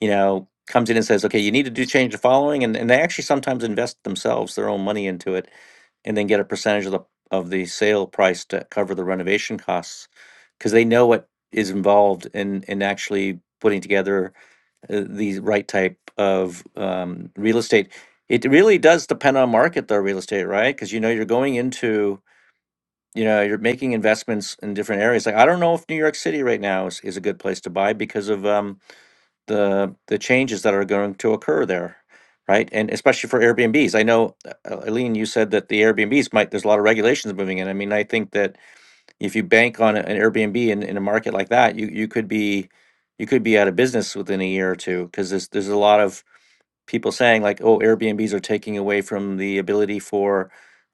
Speaker 1: you know, comes in and says, Okay, you need to do change the following and, and they actually sometimes invest themselves their own money into it and then get a percentage of the of the sale price to cover the renovation costs because they know what is involved in in actually putting together uh, the right type of um, real estate. It really does depend on market though, real estate, right? Because you know you're going into, you know, you're making investments in different areas. Like I don't know if New York City right now is, is a good place to buy because of um, the the changes that are going to occur there, right? And especially for Airbnbs. I know, uh, Eileen, you said that the Airbnbs might. There's a lot of regulations moving in. I mean, I think that if you bank on a- an Airbnb in, in a market like that, you you could be you could be out of business within a year or two because there's there's a lot of people saying like, oh, Airbnbs are taking away from the ability for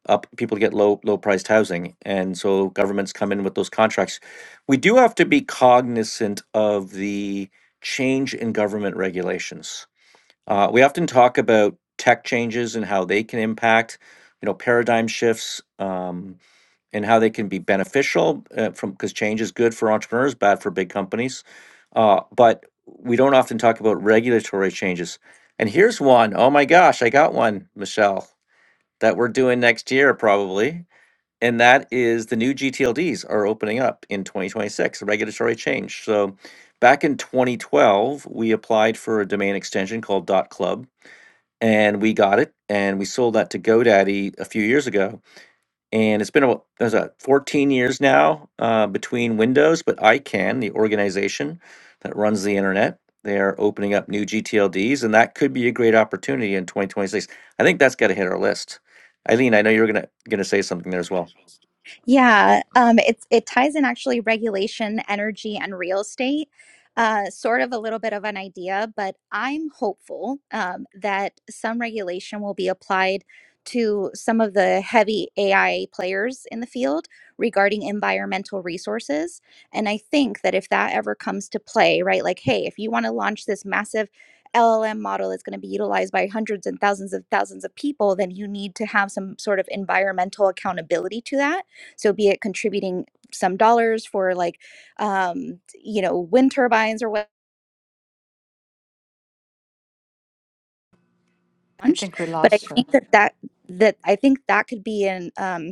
Speaker 1: up people to get low low priced housing, and so governments come in with those contracts. We do have to be cognizant of the change in government regulations. Uh, we often talk about tech changes and how they can impact, you know, paradigm shifts. Um, and how they can be beneficial uh, from because change is good for entrepreneurs, bad for big companies. Uh, but we don't often talk about regulatory changes. And here's one. Oh my gosh, I got one, Michelle, that we're doing next year probably. And that is the new GTLDs are opening up in 2026, A regulatory change. So back in 2012, we applied for a domain extension called .club and we got it and we sold that to GoDaddy a few years ago and it's been about there's a 14 years now uh, between Windows, but ICANN, the organization that runs the internet, they are opening up new GTLDs, and that could be a great opportunity in 2026. I think that's got to hit our list. Eileen, I know you're gonna gonna say something there as well.
Speaker 5: Yeah, um, it's it ties in actually regulation, energy, and real estate. Uh, sort of a little bit of an idea, but I'm hopeful um, that some regulation will be applied to some of the heavy AI players in the field regarding environmental resources. And I think that if that ever comes to play, right, like, hey, if you want to launch this massive LLM model that's going to be utilized by hundreds and thousands of thousands of people, then you need to have some sort of environmental accountability to that so be it contributing some dollars for like um you know wind turbines or what
Speaker 2: I
Speaker 5: launched
Speaker 2: think we
Speaker 5: but i
Speaker 2: lost her.
Speaker 5: think that that that i think that could be an um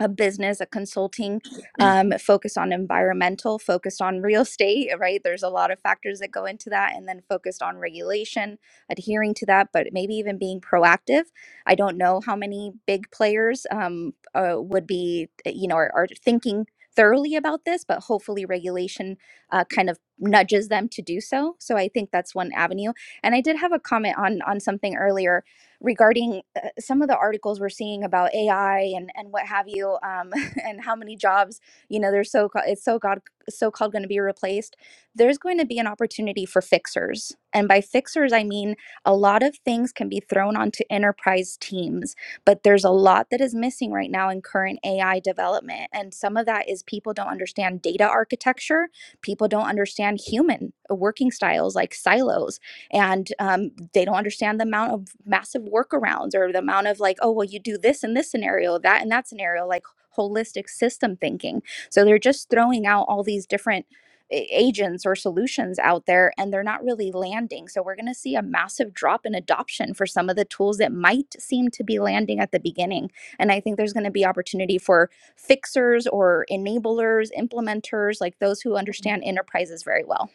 Speaker 5: a business, a consulting um, focused on environmental, focused on real estate, right? There's a lot of factors that go into that, and then focused on regulation, adhering to that, but maybe even being proactive. I don't know how many big players um, uh, would be, uh, you know, are, are thinking thoroughly about this, but hopefully regulation uh, kind of nudges them to do so. So I think that's one avenue. And I did have a comment on on something earlier regarding uh, some of the articles we're seeing about AI and and what have you, um, and how many jobs you know they're so ca- it's so god so called going to be replaced. There's going to be an opportunity for fixers, and by fixers I mean a lot of things can be thrown onto enterprise teams, but there's a lot that is missing right now in current AI development, and some of that is people don't understand data architecture, people don't understand human working styles like silos and um, they don't understand the amount of massive workarounds or the amount of like oh well you do this in this scenario that in that scenario like holistic system thinking so they're just throwing out all these different a- agents or solutions out there and they're not really landing so we're going to see a massive drop in adoption for some of the tools that might seem to be landing at the beginning and i think there's going to be opportunity for fixers or enablers implementers like those who understand enterprises very well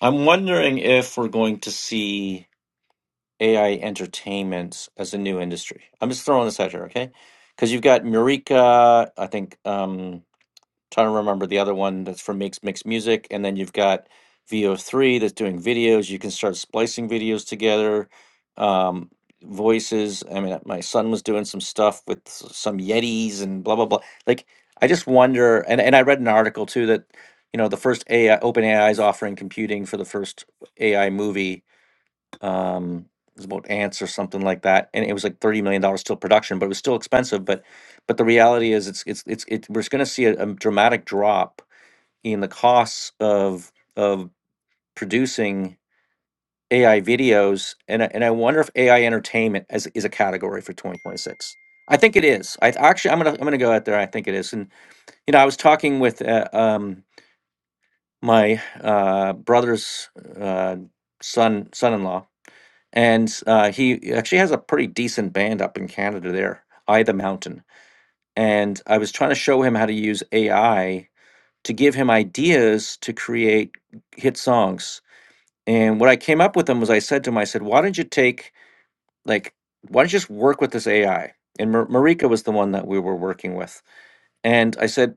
Speaker 1: I'm wondering if we're going to see AI entertainment as a new industry. I'm just throwing this out here, okay? Because you've got Murica, I think. Um, trying to remember the other one that's from Mix Mix Music, and then you've got VO3 that's doing videos. You can start splicing videos together, um, voices. I mean, my son was doing some stuff with s- some Yetis and blah blah blah. Like, I just wonder. And and I read an article too that you know the first AI OpenAI is offering computing for the first AI movie um it was about ants or something like that and it was like 30 million dollars still production but it was still expensive but but the reality is it's it's it's it, we're going to see a, a dramatic drop in the costs of of producing AI videos and I- and I wonder if AI entertainment as is a category for 2026 I think it is I actually I'm going to I'm going to go out there I think it is and you know I was talking with uh, um my uh brother's uh son son-in-law and uh, he actually has a pretty decent band up in Canada there, Eye the Mountain. And I was trying to show him how to use AI to give him ideas to create hit songs. And what I came up with him was I said to him, I said, why don't you take, like, why don't you just work with this AI? And Mar- Marika was the one that we were working with. And I said,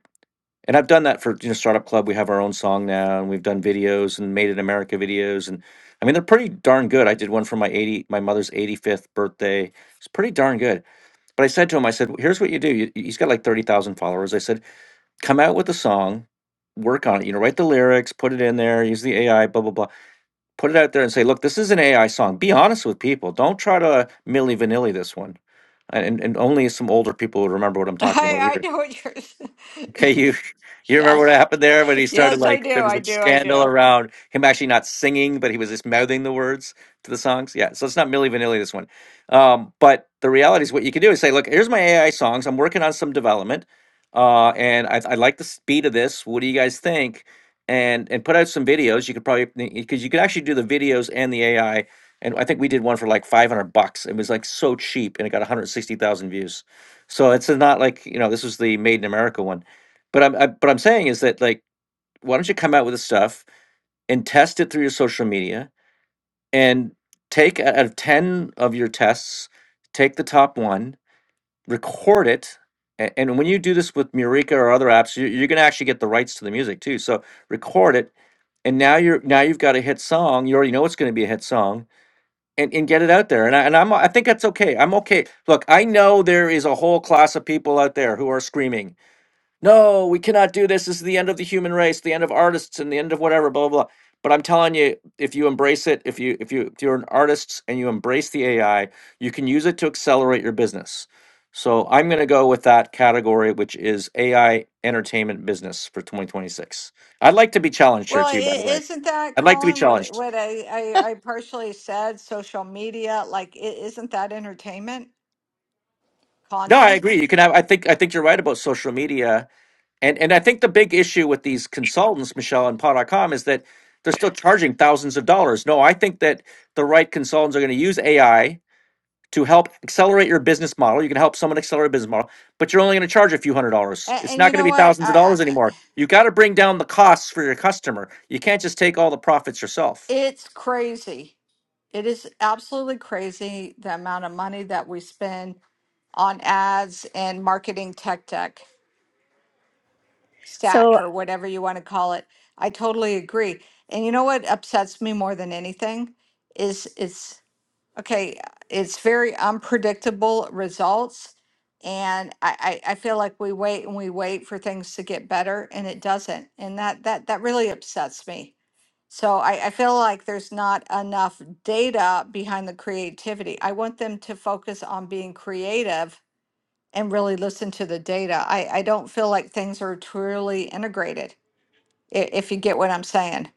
Speaker 1: and I've done that for you know Startup Club. We have our own song now, and we've done videos and Made in America videos, and I mean they're pretty darn good. I did one for my eighty, my mother's eighty fifth birthday. It's pretty darn good. But I said to him, I said, "Here's what you do. You, he's got like thirty thousand followers." I said, "Come out with a song, work on it. You know, write the lyrics, put it in there, use the AI, blah blah blah. Put it out there and say, look, this is an AI song. Be honest with people. Don't try to milli vanilli this one." And, and only some older people would remember what I'm talking about
Speaker 2: I, I
Speaker 1: here
Speaker 2: know what you're.
Speaker 1: Okay, you you remember what
Speaker 2: yes,
Speaker 1: happened there when he started
Speaker 2: yes, I
Speaker 1: like
Speaker 2: do,
Speaker 1: there was
Speaker 2: I
Speaker 1: a
Speaker 2: do, I
Speaker 1: scandal
Speaker 2: do.
Speaker 1: around him actually not singing, but he was just mouthing the words to the songs. Yeah, so it's not Milli Vanilli this one, um, but the reality is what you can do is say, look, here's my AI songs. I'm working on some development, uh, and I, I like the speed of this. What do you guys think? And and put out some videos. You could probably because you could actually do the videos and the AI. And I think we did one for like 500 bucks. It was like so cheap, and it got 160,000 views. So it's not like you know this was the Made in America one but I'm I, but I'm saying is that like why don't you come out with the stuff and test it through your social media and take out of ten of your tests, take the top one, record it. a- And when you do this with Murica or other apps, you- you're going to actually get the rights to the music too. So record it, and now you're now you've got a hit song. You already know it's going to be a hit song, and, and get it out there. And I, and I'm I think that's okay. I'm okay. Look, I know there is a whole class of people out there who are screaming no, we cannot do this. This is the end of the human race, the end of artists, and the end of whatever, blah blah. blah. But I'm telling you, if you embrace it, if you if you if you're an artist and you embrace the AI, you can use it to accelerate your business. So I'm going to go with that category, which is AI entertainment business for 2026. I'd like to be challenged here
Speaker 2: Well,
Speaker 1: too, by the
Speaker 2: i-
Speaker 1: way.
Speaker 2: isn't that
Speaker 1: I'd like to be
Speaker 2: Colin? What
Speaker 1: challenged.
Speaker 2: what I I, I partially said? Social media, like, i- isn't that entertainment
Speaker 1: No, I
Speaker 2: content?
Speaker 1: agree. You can have. I think. I think you're right about social media And and I think the big issue with these consultants, Michelle and Pod dot com, is that they're still charging thousands of dollars. No, I think that the right consultants are going to use AI to help accelerate your business model. You can help someone accelerate a business model, but you're only going to charge a few hundred dollars.
Speaker 2: And,
Speaker 1: It's
Speaker 2: and
Speaker 1: not
Speaker 2: you
Speaker 1: going to
Speaker 2: know
Speaker 1: be
Speaker 2: what?
Speaker 1: thousands
Speaker 2: I,
Speaker 1: of
Speaker 2: I
Speaker 1: dollars
Speaker 2: I-
Speaker 1: anymore. You got to bring down the costs for your customer. You can't just take all the profits yourself.
Speaker 2: it's crazy. It is absolutely crazy the amount of money that we spend on ads and marketing tech tech.
Speaker 5: so
Speaker 2: stack or whatever you want to call it. I totally agree. And you know what upsets me more than anything is it's okay, it's very unpredictable results. And I, I, I feel like we wait and we wait for things to get better and it doesn't. And that that that really upsets me. So I, I feel like there's not enough data behind the creativity. I want them to focus on being creative and really listen to the data. I, I don't feel like things are truly integrated, i- if you get what I'm saying.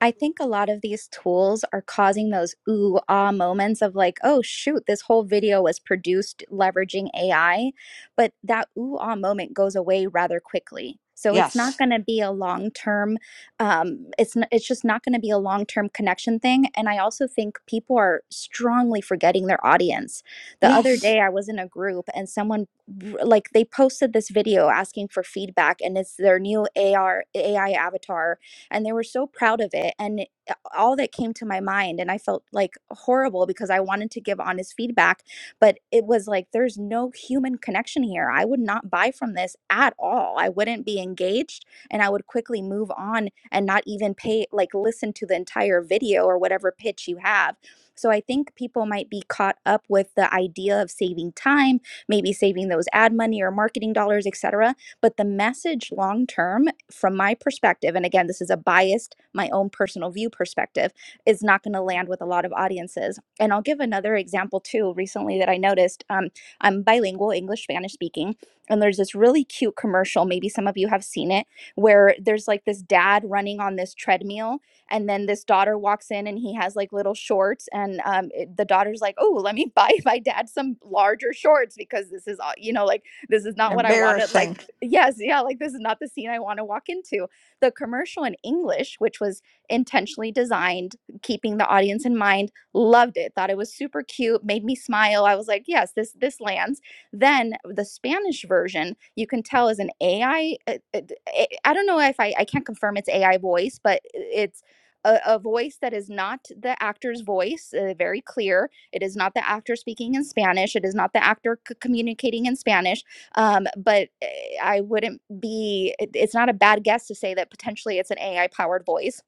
Speaker 5: I think a lot of these tools are causing those ooh ah moments of like, oh shoot, this whole video was produced leveraging AI, but that ooh ah moment goes away rather quickly. So it's not
Speaker 2: Yes.
Speaker 5: going to be a long term. Um, it's n- it's just not going to be a long term connection thing. And I also think people are strongly forgetting their audience. The other
Speaker 2: Yes.
Speaker 5: day, I was in a group and someone r- like they posted this video asking for feedback, and it's their new AR AI avatar and they were so proud of it and it- all that came to my mind and i felt like horrible because i wanted to give honest feedback but it was like there's no human connection here i would not buy from this at all i wouldn't be engaged and i would quickly move on and not even pay like listen to the entire video or whatever pitch you have so i think people might be caught up with the idea of saving time maybe saving those ad money or marketing dollars etc but the message long term from my perspective, and again, this is a biased, my own personal view perspective, is not going to land with a lot of audiences. And I'll give another example too. Recently, that I noticed, um, I'm bilingual, English, Spanish speaking, and there's this really cute commercial. Maybe some of you have seen it, where there's like this dad running on this treadmill, and then this daughter walks in, and he has like little shorts, and um, it- the daughter's like, "Oh, let me buy my dad some larger shorts because this is, au- you know, like." this is not what I wanted. Like
Speaker 2: Embarrassing.
Speaker 5: yes, yeah, like this is not the scene I want to walk into. The commercial in English, which was intentionally designed, keeping the audience in mind, loved it. Thought it was super cute, made me smile. I was like, yes, this this lands. Then the Spanish version, you can tell is an AI. uh, uh, d- I I don't know if I I can't confirm it's AI voice, but it's a, a voice that is not the actor's voice, uh, very clear. It is not the actor speaking in Spanish. It is not the actor c- communicating in Spanish um, but eh, I wouldn't be, it- it's not a bad guess to say that potentially it's an AI powered voice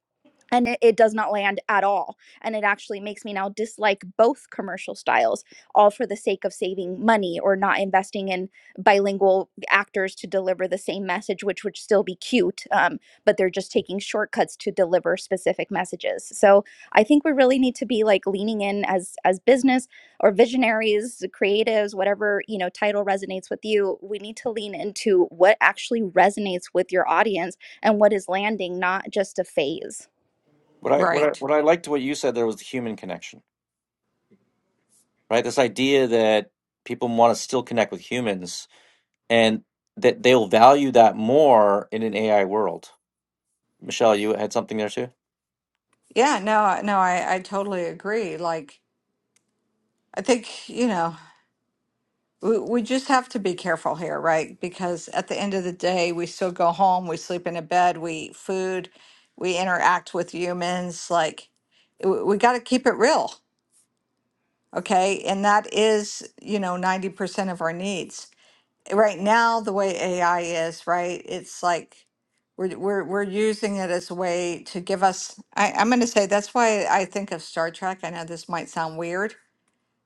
Speaker 5: and it, it does not land at all and it actually makes me now dislike both commercial styles all for the sake of saving money or not investing in bilingual actors to deliver the same message which would still be cute um, but they're just taking shortcuts to deliver specific messages so i think we really need to be like leaning in as as business or visionaries creatives whatever you know title resonates with you we need to lean into what actually resonates with your audience and what is landing not just a phase
Speaker 1: What I what I
Speaker 2: Right.
Speaker 1: what I liked what you said there was the human connection, right? This idea that people want to still connect with humans and that they'll value that more in an AI world. Michelle, you had something there too?
Speaker 2: Yeah, no, I- no, I, I totally agree. Like, I think, you know, we, we just have to be careful here, right? Because at the end of the day, we still go home, we sleep in a bed, we eat food, we interact with humans. Like, we, we got to keep it real, okay? And that is, you know, 90% of our needs. right now the way AI is, right? It's like we're we're we're using it as a way to give us I, I'm gonna say that's why I think of Star Trek. I know this might sound weird,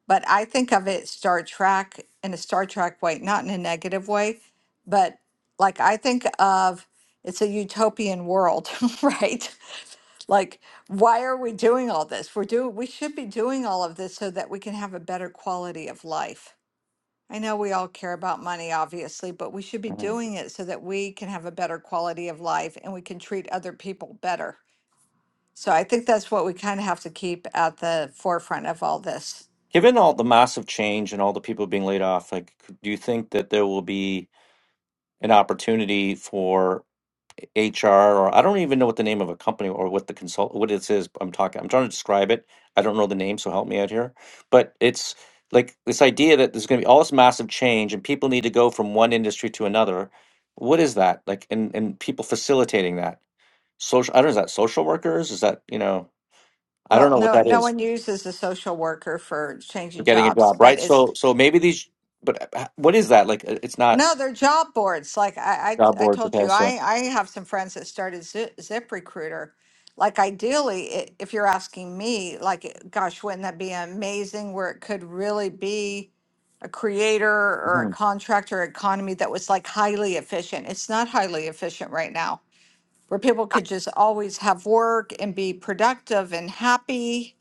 Speaker 2: but I think of it Star Trek in a Star Trek way, not in a negative way, but like I think of it's a utopian world, right? like why are we doing all this we're doing we should be doing all of this so that we can have a better quality of life I know we all care about money, obviously, but we should be
Speaker 1: Mhm.
Speaker 2: doing it so that we can have a better quality of life and we can treat other people better. So I think that's what we kind of have to keep at the forefront of all this.
Speaker 1: Given all the massive change and all the people being laid off, like, do you think that there will be an opportunity for HR or I don't even know what the name of a company or what the consult what it is I'm talking I'm trying to describe it. I don't know the name, so help me out here. But it's like this idea that there's going to be all this massive change and people need to go from one industry to another. What is that? Like and and people facilitating that. Social I don't know, is that social workers? Is that, you know, I don't
Speaker 2: Well,
Speaker 1: know what
Speaker 2: no,
Speaker 1: that
Speaker 2: no
Speaker 1: is
Speaker 2: one uses a social worker for
Speaker 1: for
Speaker 2: changing
Speaker 1: getting a
Speaker 2: jobs,
Speaker 1: job,
Speaker 2: but
Speaker 1: right?
Speaker 2: it's
Speaker 1: So so maybe these but uh, what is that? Like uh, it's not
Speaker 2: No, they're job boards. Like I,
Speaker 1: job
Speaker 2: I, I
Speaker 1: board,
Speaker 2: told
Speaker 1: okay,
Speaker 2: you,
Speaker 1: so
Speaker 2: I, I have some friends that started Zip, ZipRecruiter. Like ideally, i if you're asking me, like, it- gosh, wouldn't that be amazing where it could really be a creator or a
Speaker 1: mhm.
Speaker 2: contractor economy that was like highly efficient? It's not highly efficient right now, where people could just always have work and be productive and happy.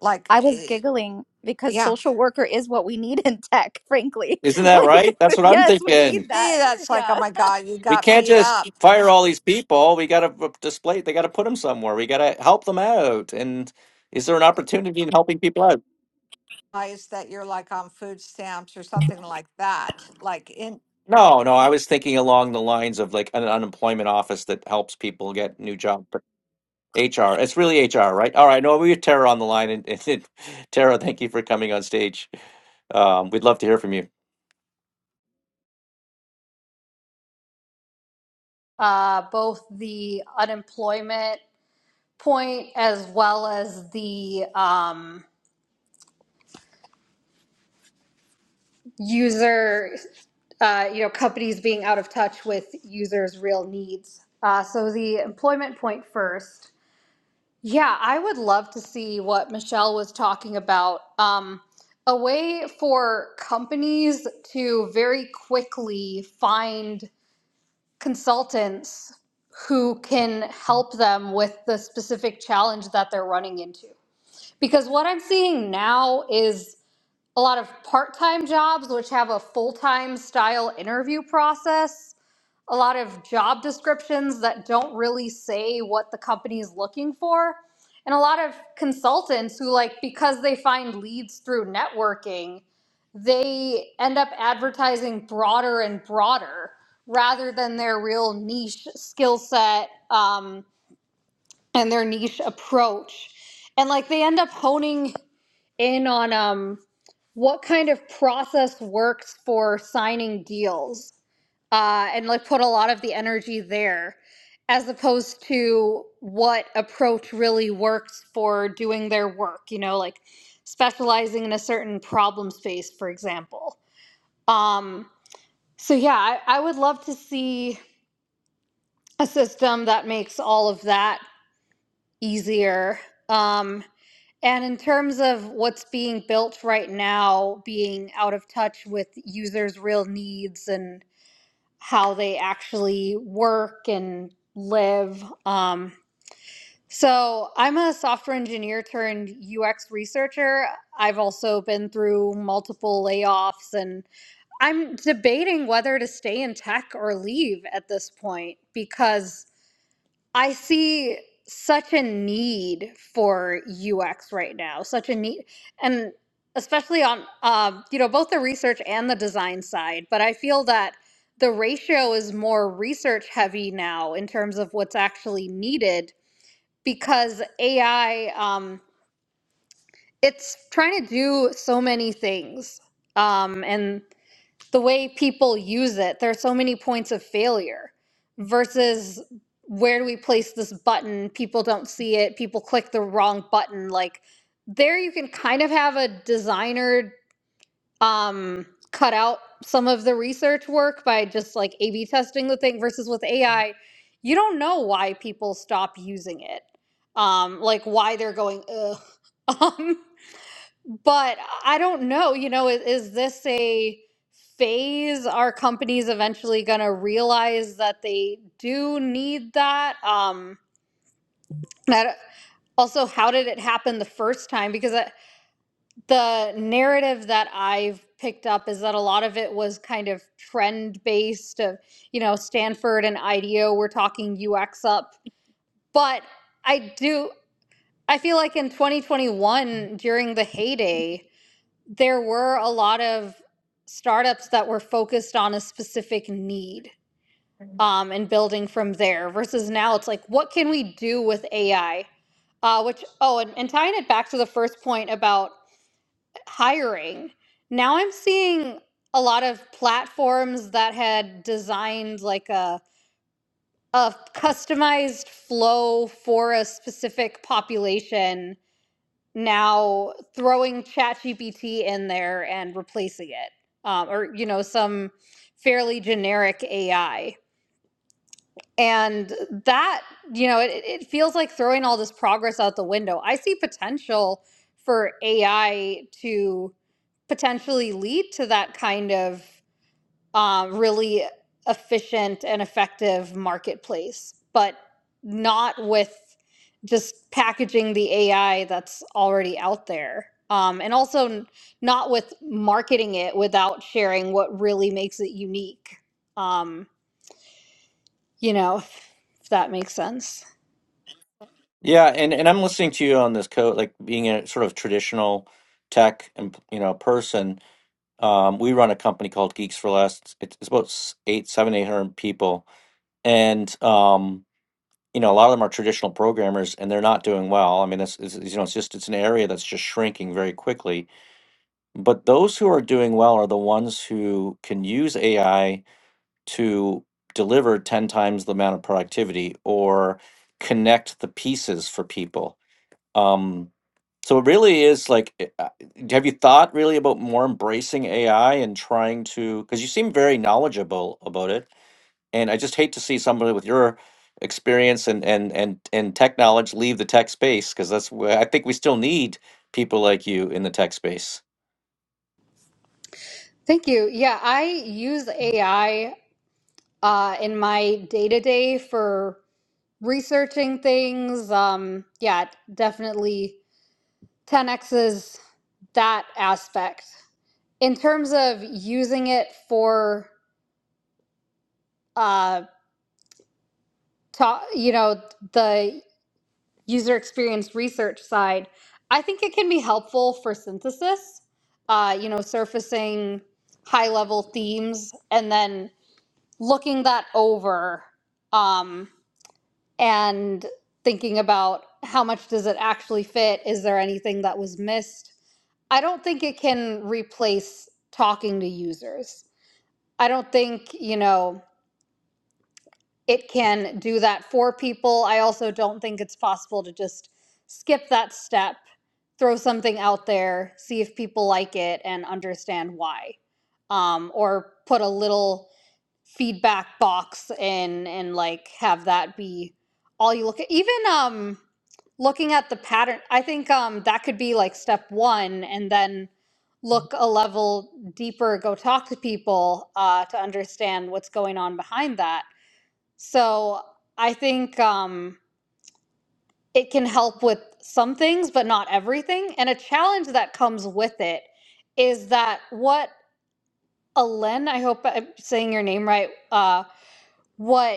Speaker 2: Like,
Speaker 5: I was
Speaker 2: eh,
Speaker 5: giggling because
Speaker 2: yeah,
Speaker 5: social worker is what we need in tech, frankly.
Speaker 1: isn't that
Speaker 5: Like,
Speaker 1: right? That's what I'm
Speaker 5: yes, we need
Speaker 1: thinking.
Speaker 2: me,
Speaker 5: that.
Speaker 2: that's like,
Speaker 5: Yeah.
Speaker 2: oh my God, you
Speaker 1: We
Speaker 2: got
Speaker 1: can't
Speaker 2: beat
Speaker 1: just
Speaker 2: up.
Speaker 1: fire all these people. We got to display, they got to put them somewhere. We got to help them out. And is there an opportunity in helping people out?
Speaker 2: realize that you're like on food stamps or something like that. Like in,
Speaker 1: No, no, I was thinking along the lines of like an unemployment office that helps people get new jobs. HR. It's really HR, right? All right. No, we have Tara on the line, and, and and Tara, thank you for coming on stage. Um, we'd love to hear from you.
Speaker 6: uh, both the unemployment point as well as the um, user, uh, you know, companies being out of touch with users' real needs. Uh, so the employment point first. Yeah, I would love to see what Michelle was talking about. Um, a way for companies to very quickly find consultants who can help them with the specific challenge that they're running into. Because what I'm seeing now is a lot of part time jobs, which have a full time style interview process, a lot of job descriptions that don't really say what the company is looking for, and a lot of consultants who, like, because they find leads through networking, they end up advertising broader and broader rather than their real niche skill set um, and their niche approach. And like they end up honing in on um, what kind of process works for signing deals uh, and like put a lot of the energy there as opposed to what approach really works for doing their work you know like specializing in a certain problem space for example um, so yeah I, I would love to see a system that makes all of that easier. Um, and in terms of what's being built right now, being out of touch with users' real needs and how they actually work and live. Um, so, I'm a software engineer turned UX researcher. I've also been through multiple layoffs, and I'm debating whether to stay in tech or leave at this point because I see such a need for UX right now, such a need, and especially on um, you know both the research and the design side. But I feel that the ratio is more research heavy now in terms of what's actually needed because AI um, it's trying to do so many things, um, and the way people use it. There are so many points of failure versus where do we place this button? People don't see it. People click the wrong button. Like there, you can kind of have a designer um, cut out some of the research work by just like A/B testing the thing. Versus with AI, you don't know why people stop using it. Um, like why they're going ugh. Um, but I don't know, you know, is, is this a phase? Are companies eventually going to realize that they do need that? Um, I don't- also, how did it happen the first time? Because I- the narrative that I've picked up is that a lot of it was kind of trend based of, you know, Stanford and IDEO were talking UX up. But I do, I feel like in 2021, during the heyday, there were a lot of startups that were focused on a specific need um, and building from there versus now it's like what can we do with ai uh, which oh and, and tying it back to the first point about hiring now i'm seeing a lot of platforms that had designed like a a customized flow for a specific population now throwing ChatGPT in there and replacing it, um, or you know, some fairly generic AI. And that, you know, it, it feels like throwing all this progress out the window. I see potential for AI to potentially lead to that kind of um, really efficient and effective marketplace, but not with just packaging the AI that's already out there. Um, and also n- not with marketing it without sharing what really makes it unique. Um, you know, if, if that makes sense.
Speaker 1: Yeah, and and I'm listening to you on this code, like being a sort of traditional tech, and you know, person. Um, we run a company called Geeks for Less. It's, it's about s- eight, seven, eight hundred people, and um, you know, a lot of them are traditional programmers, and they're not doing well. I mean, it's, it's you know, it's just it's an area that's just shrinking very quickly. But those who are doing well are the ones who can use AI to deliver ten times the amount of productivity or connect the pieces for people um, so it really is like, eh, uh, have you thought really about more embracing AI and trying to? Because you seem very knowledgeable about it, and I just hate to see somebody with your experience and and and and tech knowledge leave the tech space because that's where I think we still need people like you in the tech space.
Speaker 6: Thank you. Yeah, I use AI uh, in my day to day for researching things. Um, yeah, it definitely 10x's that aspect in terms of using it for uh ta- you know the user experience research side i think it can be helpful for synthesis uh you know surfacing high level themes and then looking that over um and thinking about how much does it actually fit is there anything that was missed i don't think it can replace talking to users I don't think, you know, it can do that for people. I also don't think it's possible to just skip that step, throw something out there, see if people like it and understand why. Um, or put a little feedback box and and like have that be all you look at even um looking at the pattern i think um that could be like step one and then look a level deeper go talk to people uh to understand what's going on behind that so i think um it can help with some things but not everything and a challenge that comes with it is that what alen i hope i'm saying your name right uh what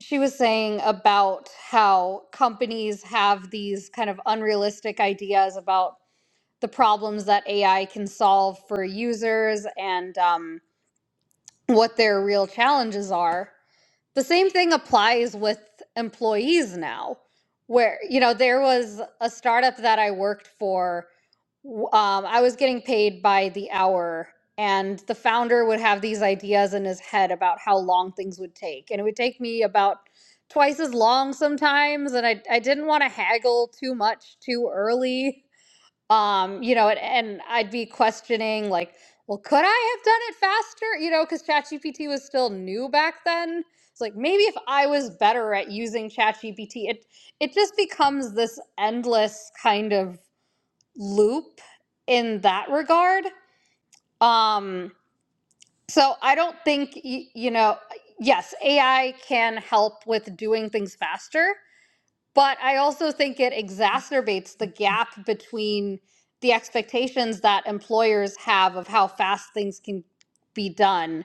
Speaker 6: she was saying about how companies have these kind of unrealistic ideas about the problems that AI can solve for users and um, what their real challenges are. The same thing applies with employees now, where, you know, there was a startup that I worked for um, I was getting paid by the hour, and the founder would have these ideas in his head about how long things would take. And it would take me about twice as long sometimes, and I, I didn't want to haggle too much too early. Um, you know, and, and I'd be questioning, like, well, could I have done it faster? You know, because ChatGPT was still new back then. It's like maybe if I was better at using ChatGPT, it it just becomes this endless kind of loop in that regard. Um, so I don't think, you know, yes, AI can help with doing things faster, but I also think it exacerbates the gap between the expectations that employers have of how fast things can be done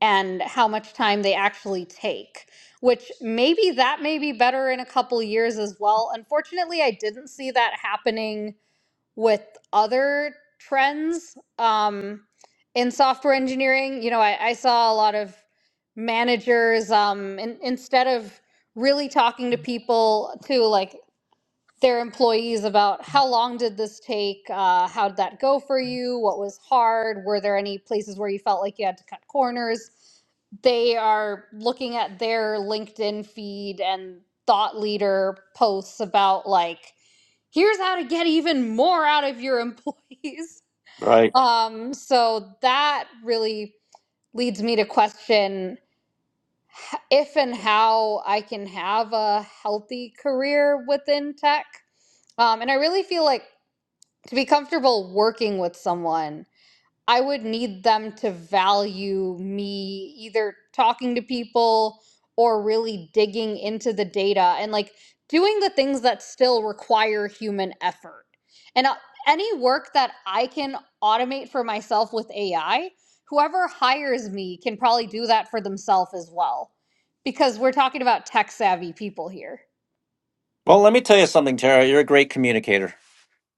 Speaker 6: and how much time they actually take which maybe that may be better in a couple years as well unfortunately i didn't see that happening with other trends um, in software engineering. You know, I, I saw a lot of managers um, in, instead of really talking to people to like their employees about how long did this take, uh, how did that go for you, what was hard, were there any places where you felt like you had to cut corners. They are looking at their LinkedIn feed and thought leader posts about like here's how to get even more out of your employees.
Speaker 1: Right.
Speaker 6: Um, so that really leads me to question if and how I can have a healthy career within tech. Um, and I really feel like to be comfortable working with someone, I would need them to value me either talking to people or really digging into the data and like doing the things that still require human effort. And uh, any work that I can automate for myself with AI, whoever hires me can probably do that for themselves as well. Because we're talking about tech savvy people here.
Speaker 1: Well, let me tell you something, Tara. You're a great communicator.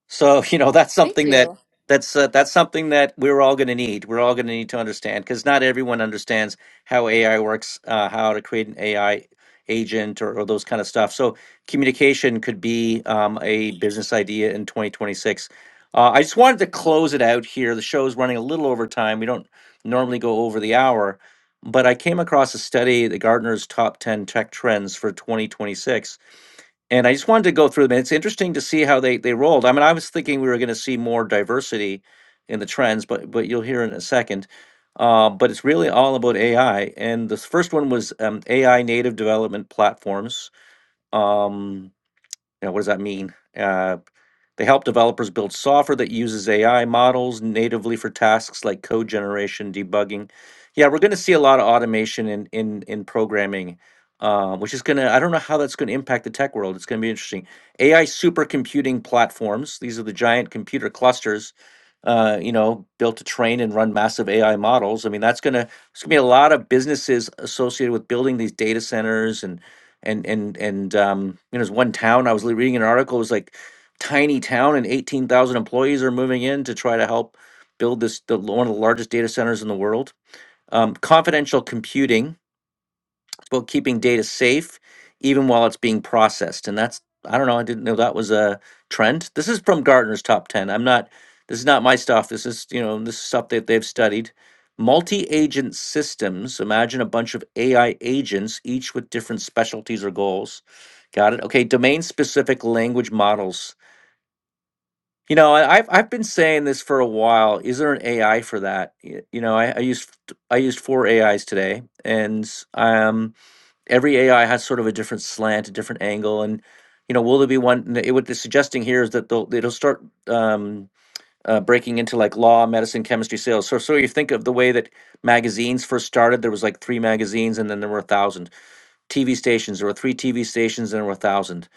Speaker 1: So you know
Speaker 6: Well,
Speaker 1: that's
Speaker 6: thank
Speaker 1: something
Speaker 6: you.
Speaker 1: that that's uh, that's something that we're all going to need. We're all going to need to understand because not everyone understands how AI works, uh, how to create an AI agent or, or those kind of stuff. So communication could be um, a business idea in 2026. Uh, I just wanted to close it out here. The show is running a little over time. We don't normally go over the hour, but I came across a study, the Gartner's top 10 tech trends for 2026 and I just wanted to go through them. It's interesting to see how they they rolled. I mean, I was thinking we were going to see more diversity in the trends, but but you'll hear in a second. Uh, but it's really all about AI. And the first one was um, AI native development platforms. Um, you know, what does that mean? Uh, they help developers build software that uses AI models natively for tasks like code generation, debugging. Yeah, we're going to see a lot of automation in in in programming, uh, which is going to. I don't know how that's going to impact the tech world. It's going to be interesting. AI supercomputing platforms. These are the giant computer clusters uh, you know, built to train and run massive AI models. I mean, that's gonna it's gonna be a lot of businesses associated with building these data centers and and and and um, you know, there's one town I was li- reading an article it was like tiny town and eighteen thousand employees are moving in to try to help build this the one of the largest data centers in the world. Um, confidential computing about keeping data safe even while it's being processed. And that's, I don't know, I didn't know that was a trend. This is from Gartner's top 10. I'm not, this is not my stuff. This is, you know, this is stuff that they've studied. Multi agent systems, imagine a bunch of AI agents, each with different specialties or goals. Got it. Okay. Domain specific language models. You know, I- I've I've been saying this for a while. Is there an AI for that? Y- You know, I, I used I used four AIs today, and um every AI has sort of a different slant, a different angle, and you know, will there be one? n- It, what they're suggesting here is that they'll it'll start um, uh, breaking into like law, medicine, chemistry, sales. So, so you think of the way that magazines first started. There was like three magazines, and then there were a thousand TV stations. There were three TV stations, and there were a thousand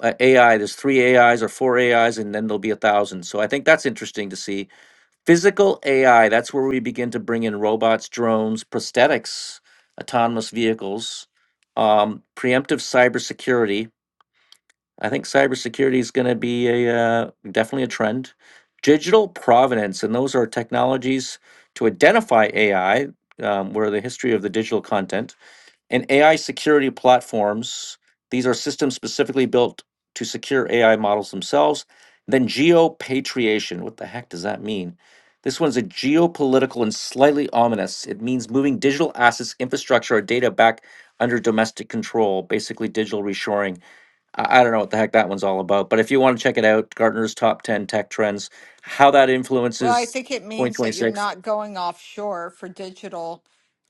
Speaker 1: uh, AI. There's three AIs or four AIs, and then there'll be a thousand. So I think that's interesting to see Physical AI, that's where we begin to bring in robots, drones, prosthetics, autonomous vehicles, um, preemptive cybersecurity. I think cybersecurity is going to be a uh, definitely a trend. Digital provenance, and those are technologies to identify AI, um, where the history of the digital content and AI security platforms, these are systems specifically built to secure AI models themselves. And Then geopatriation, what the heck does that mean? This one's a geopolitical and slightly ominous. It means moving digital assets, infrastructure, or data back under domestic control, basically digital reshoring. I, I don't know what the heck that one's all about, but if you want to check it out, Gartner's top 10 tech trends, how that
Speaker 2: well, I
Speaker 1: influences
Speaker 2: think it means that you're
Speaker 1: 2026.
Speaker 2: not going offshore for digital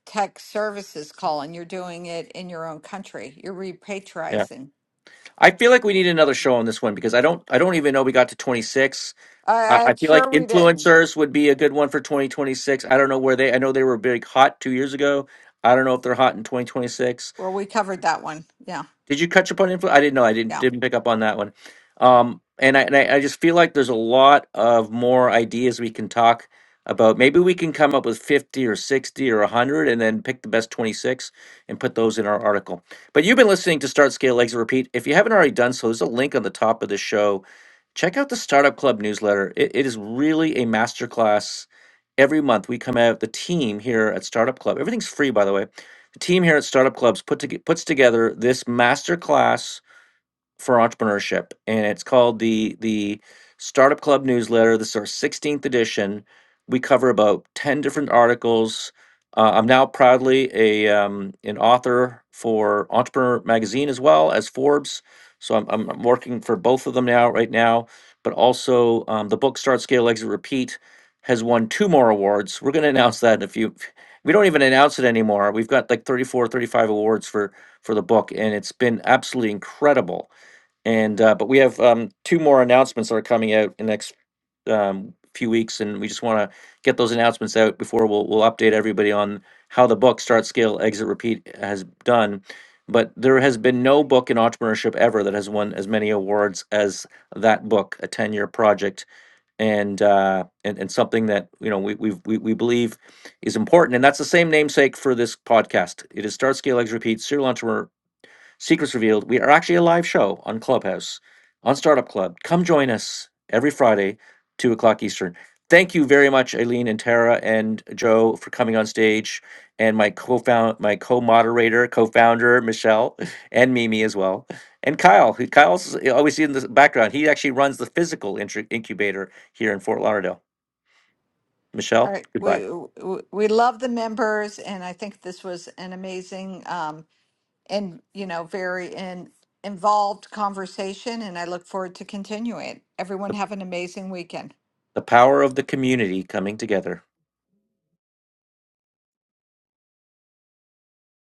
Speaker 2: tech services, Colin. You're doing it in your own country. You're
Speaker 1: Yeah.
Speaker 2: repatriating.
Speaker 1: I feel like we need another show on this one because I don't I don't even know we got to 26. I,
Speaker 2: I,
Speaker 1: I
Speaker 2: I'm
Speaker 1: feel like
Speaker 2: sure we didn't.
Speaker 1: influencers would be a good one for 2026. I don't know where they. I know they were big hot two years ago. I don't know if they're hot in 2026.
Speaker 2: Well, we covered that one. Yeah,
Speaker 1: Did you catch up on influence? I didn't know. I didn't
Speaker 2: yeah.
Speaker 1: didn't pick up on that one. Um, and I and I, I just feel like there's a lot of more ideas we can talk about. Maybe we can come up with fifty or sixty or hundred, and then pick the best twenty six and put those in our article. But you've been listening to Start Scale Legs Repeat. If you haven't already done so, there's a link on the top of the show. Check out the Startup Club newsletter. It, it is really a masterclass. Every month we come out the team here at Startup Club. Everything's free, by the way the team here at Startup Clubs put to, puts together this master class for entrepreneurship, and it's called the the Startup Club newsletter. This is our 16th edition. We cover about 10 different articles. Uh, I'm now proudly a um, an author for Entrepreneur Magazine as well as Forbes. So I'm, I'm I'm working for both of them now right now. But also um, the book Start Scale Exit Repeat has won two more awards. We're going to announce that in a few. We don't even announce it anymore. We've got like 34, 35 awards for for the book, and it's been absolutely incredible and uh, but we have um, two more announcements that are coming out in the next um, few weeks, and we just want to get those announcements out before we'll we'll update everybody on how the book Start Scale Exit Repeat has done. But there has been no book in entrepreneurship ever that has won as many awards as that book, a ten-year project, and uh, and and something that you know we we've, we we believe is important, and that's the same namesake for this podcast. It is Start Scale Exit Repeat serial entrepreneur Secrets Revealed. We are actually a live show on Clubhouse, on Startup Club. Come join us every Friday, 2 o'clock Eastern. Thank you very much, Aileen and Tara and Joe, for coming on stage, and my co-found, my co-moderator, co-founder Michelle, and Mimi as well, and Kyle. Who Kyle's always in the background. He actually runs the physical intru- incubator here in Fort Lauderdale.
Speaker 2: All
Speaker 1: Michelle,
Speaker 2: right.
Speaker 1: goodbye.
Speaker 2: We we, we love the members, and I think this was an amazing um, and you know very in, involved conversation. And I look forward to continuing it. Everyone
Speaker 1: The,
Speaker 2: have an amazing weekend.
Speaker 1: the power of the community coming together.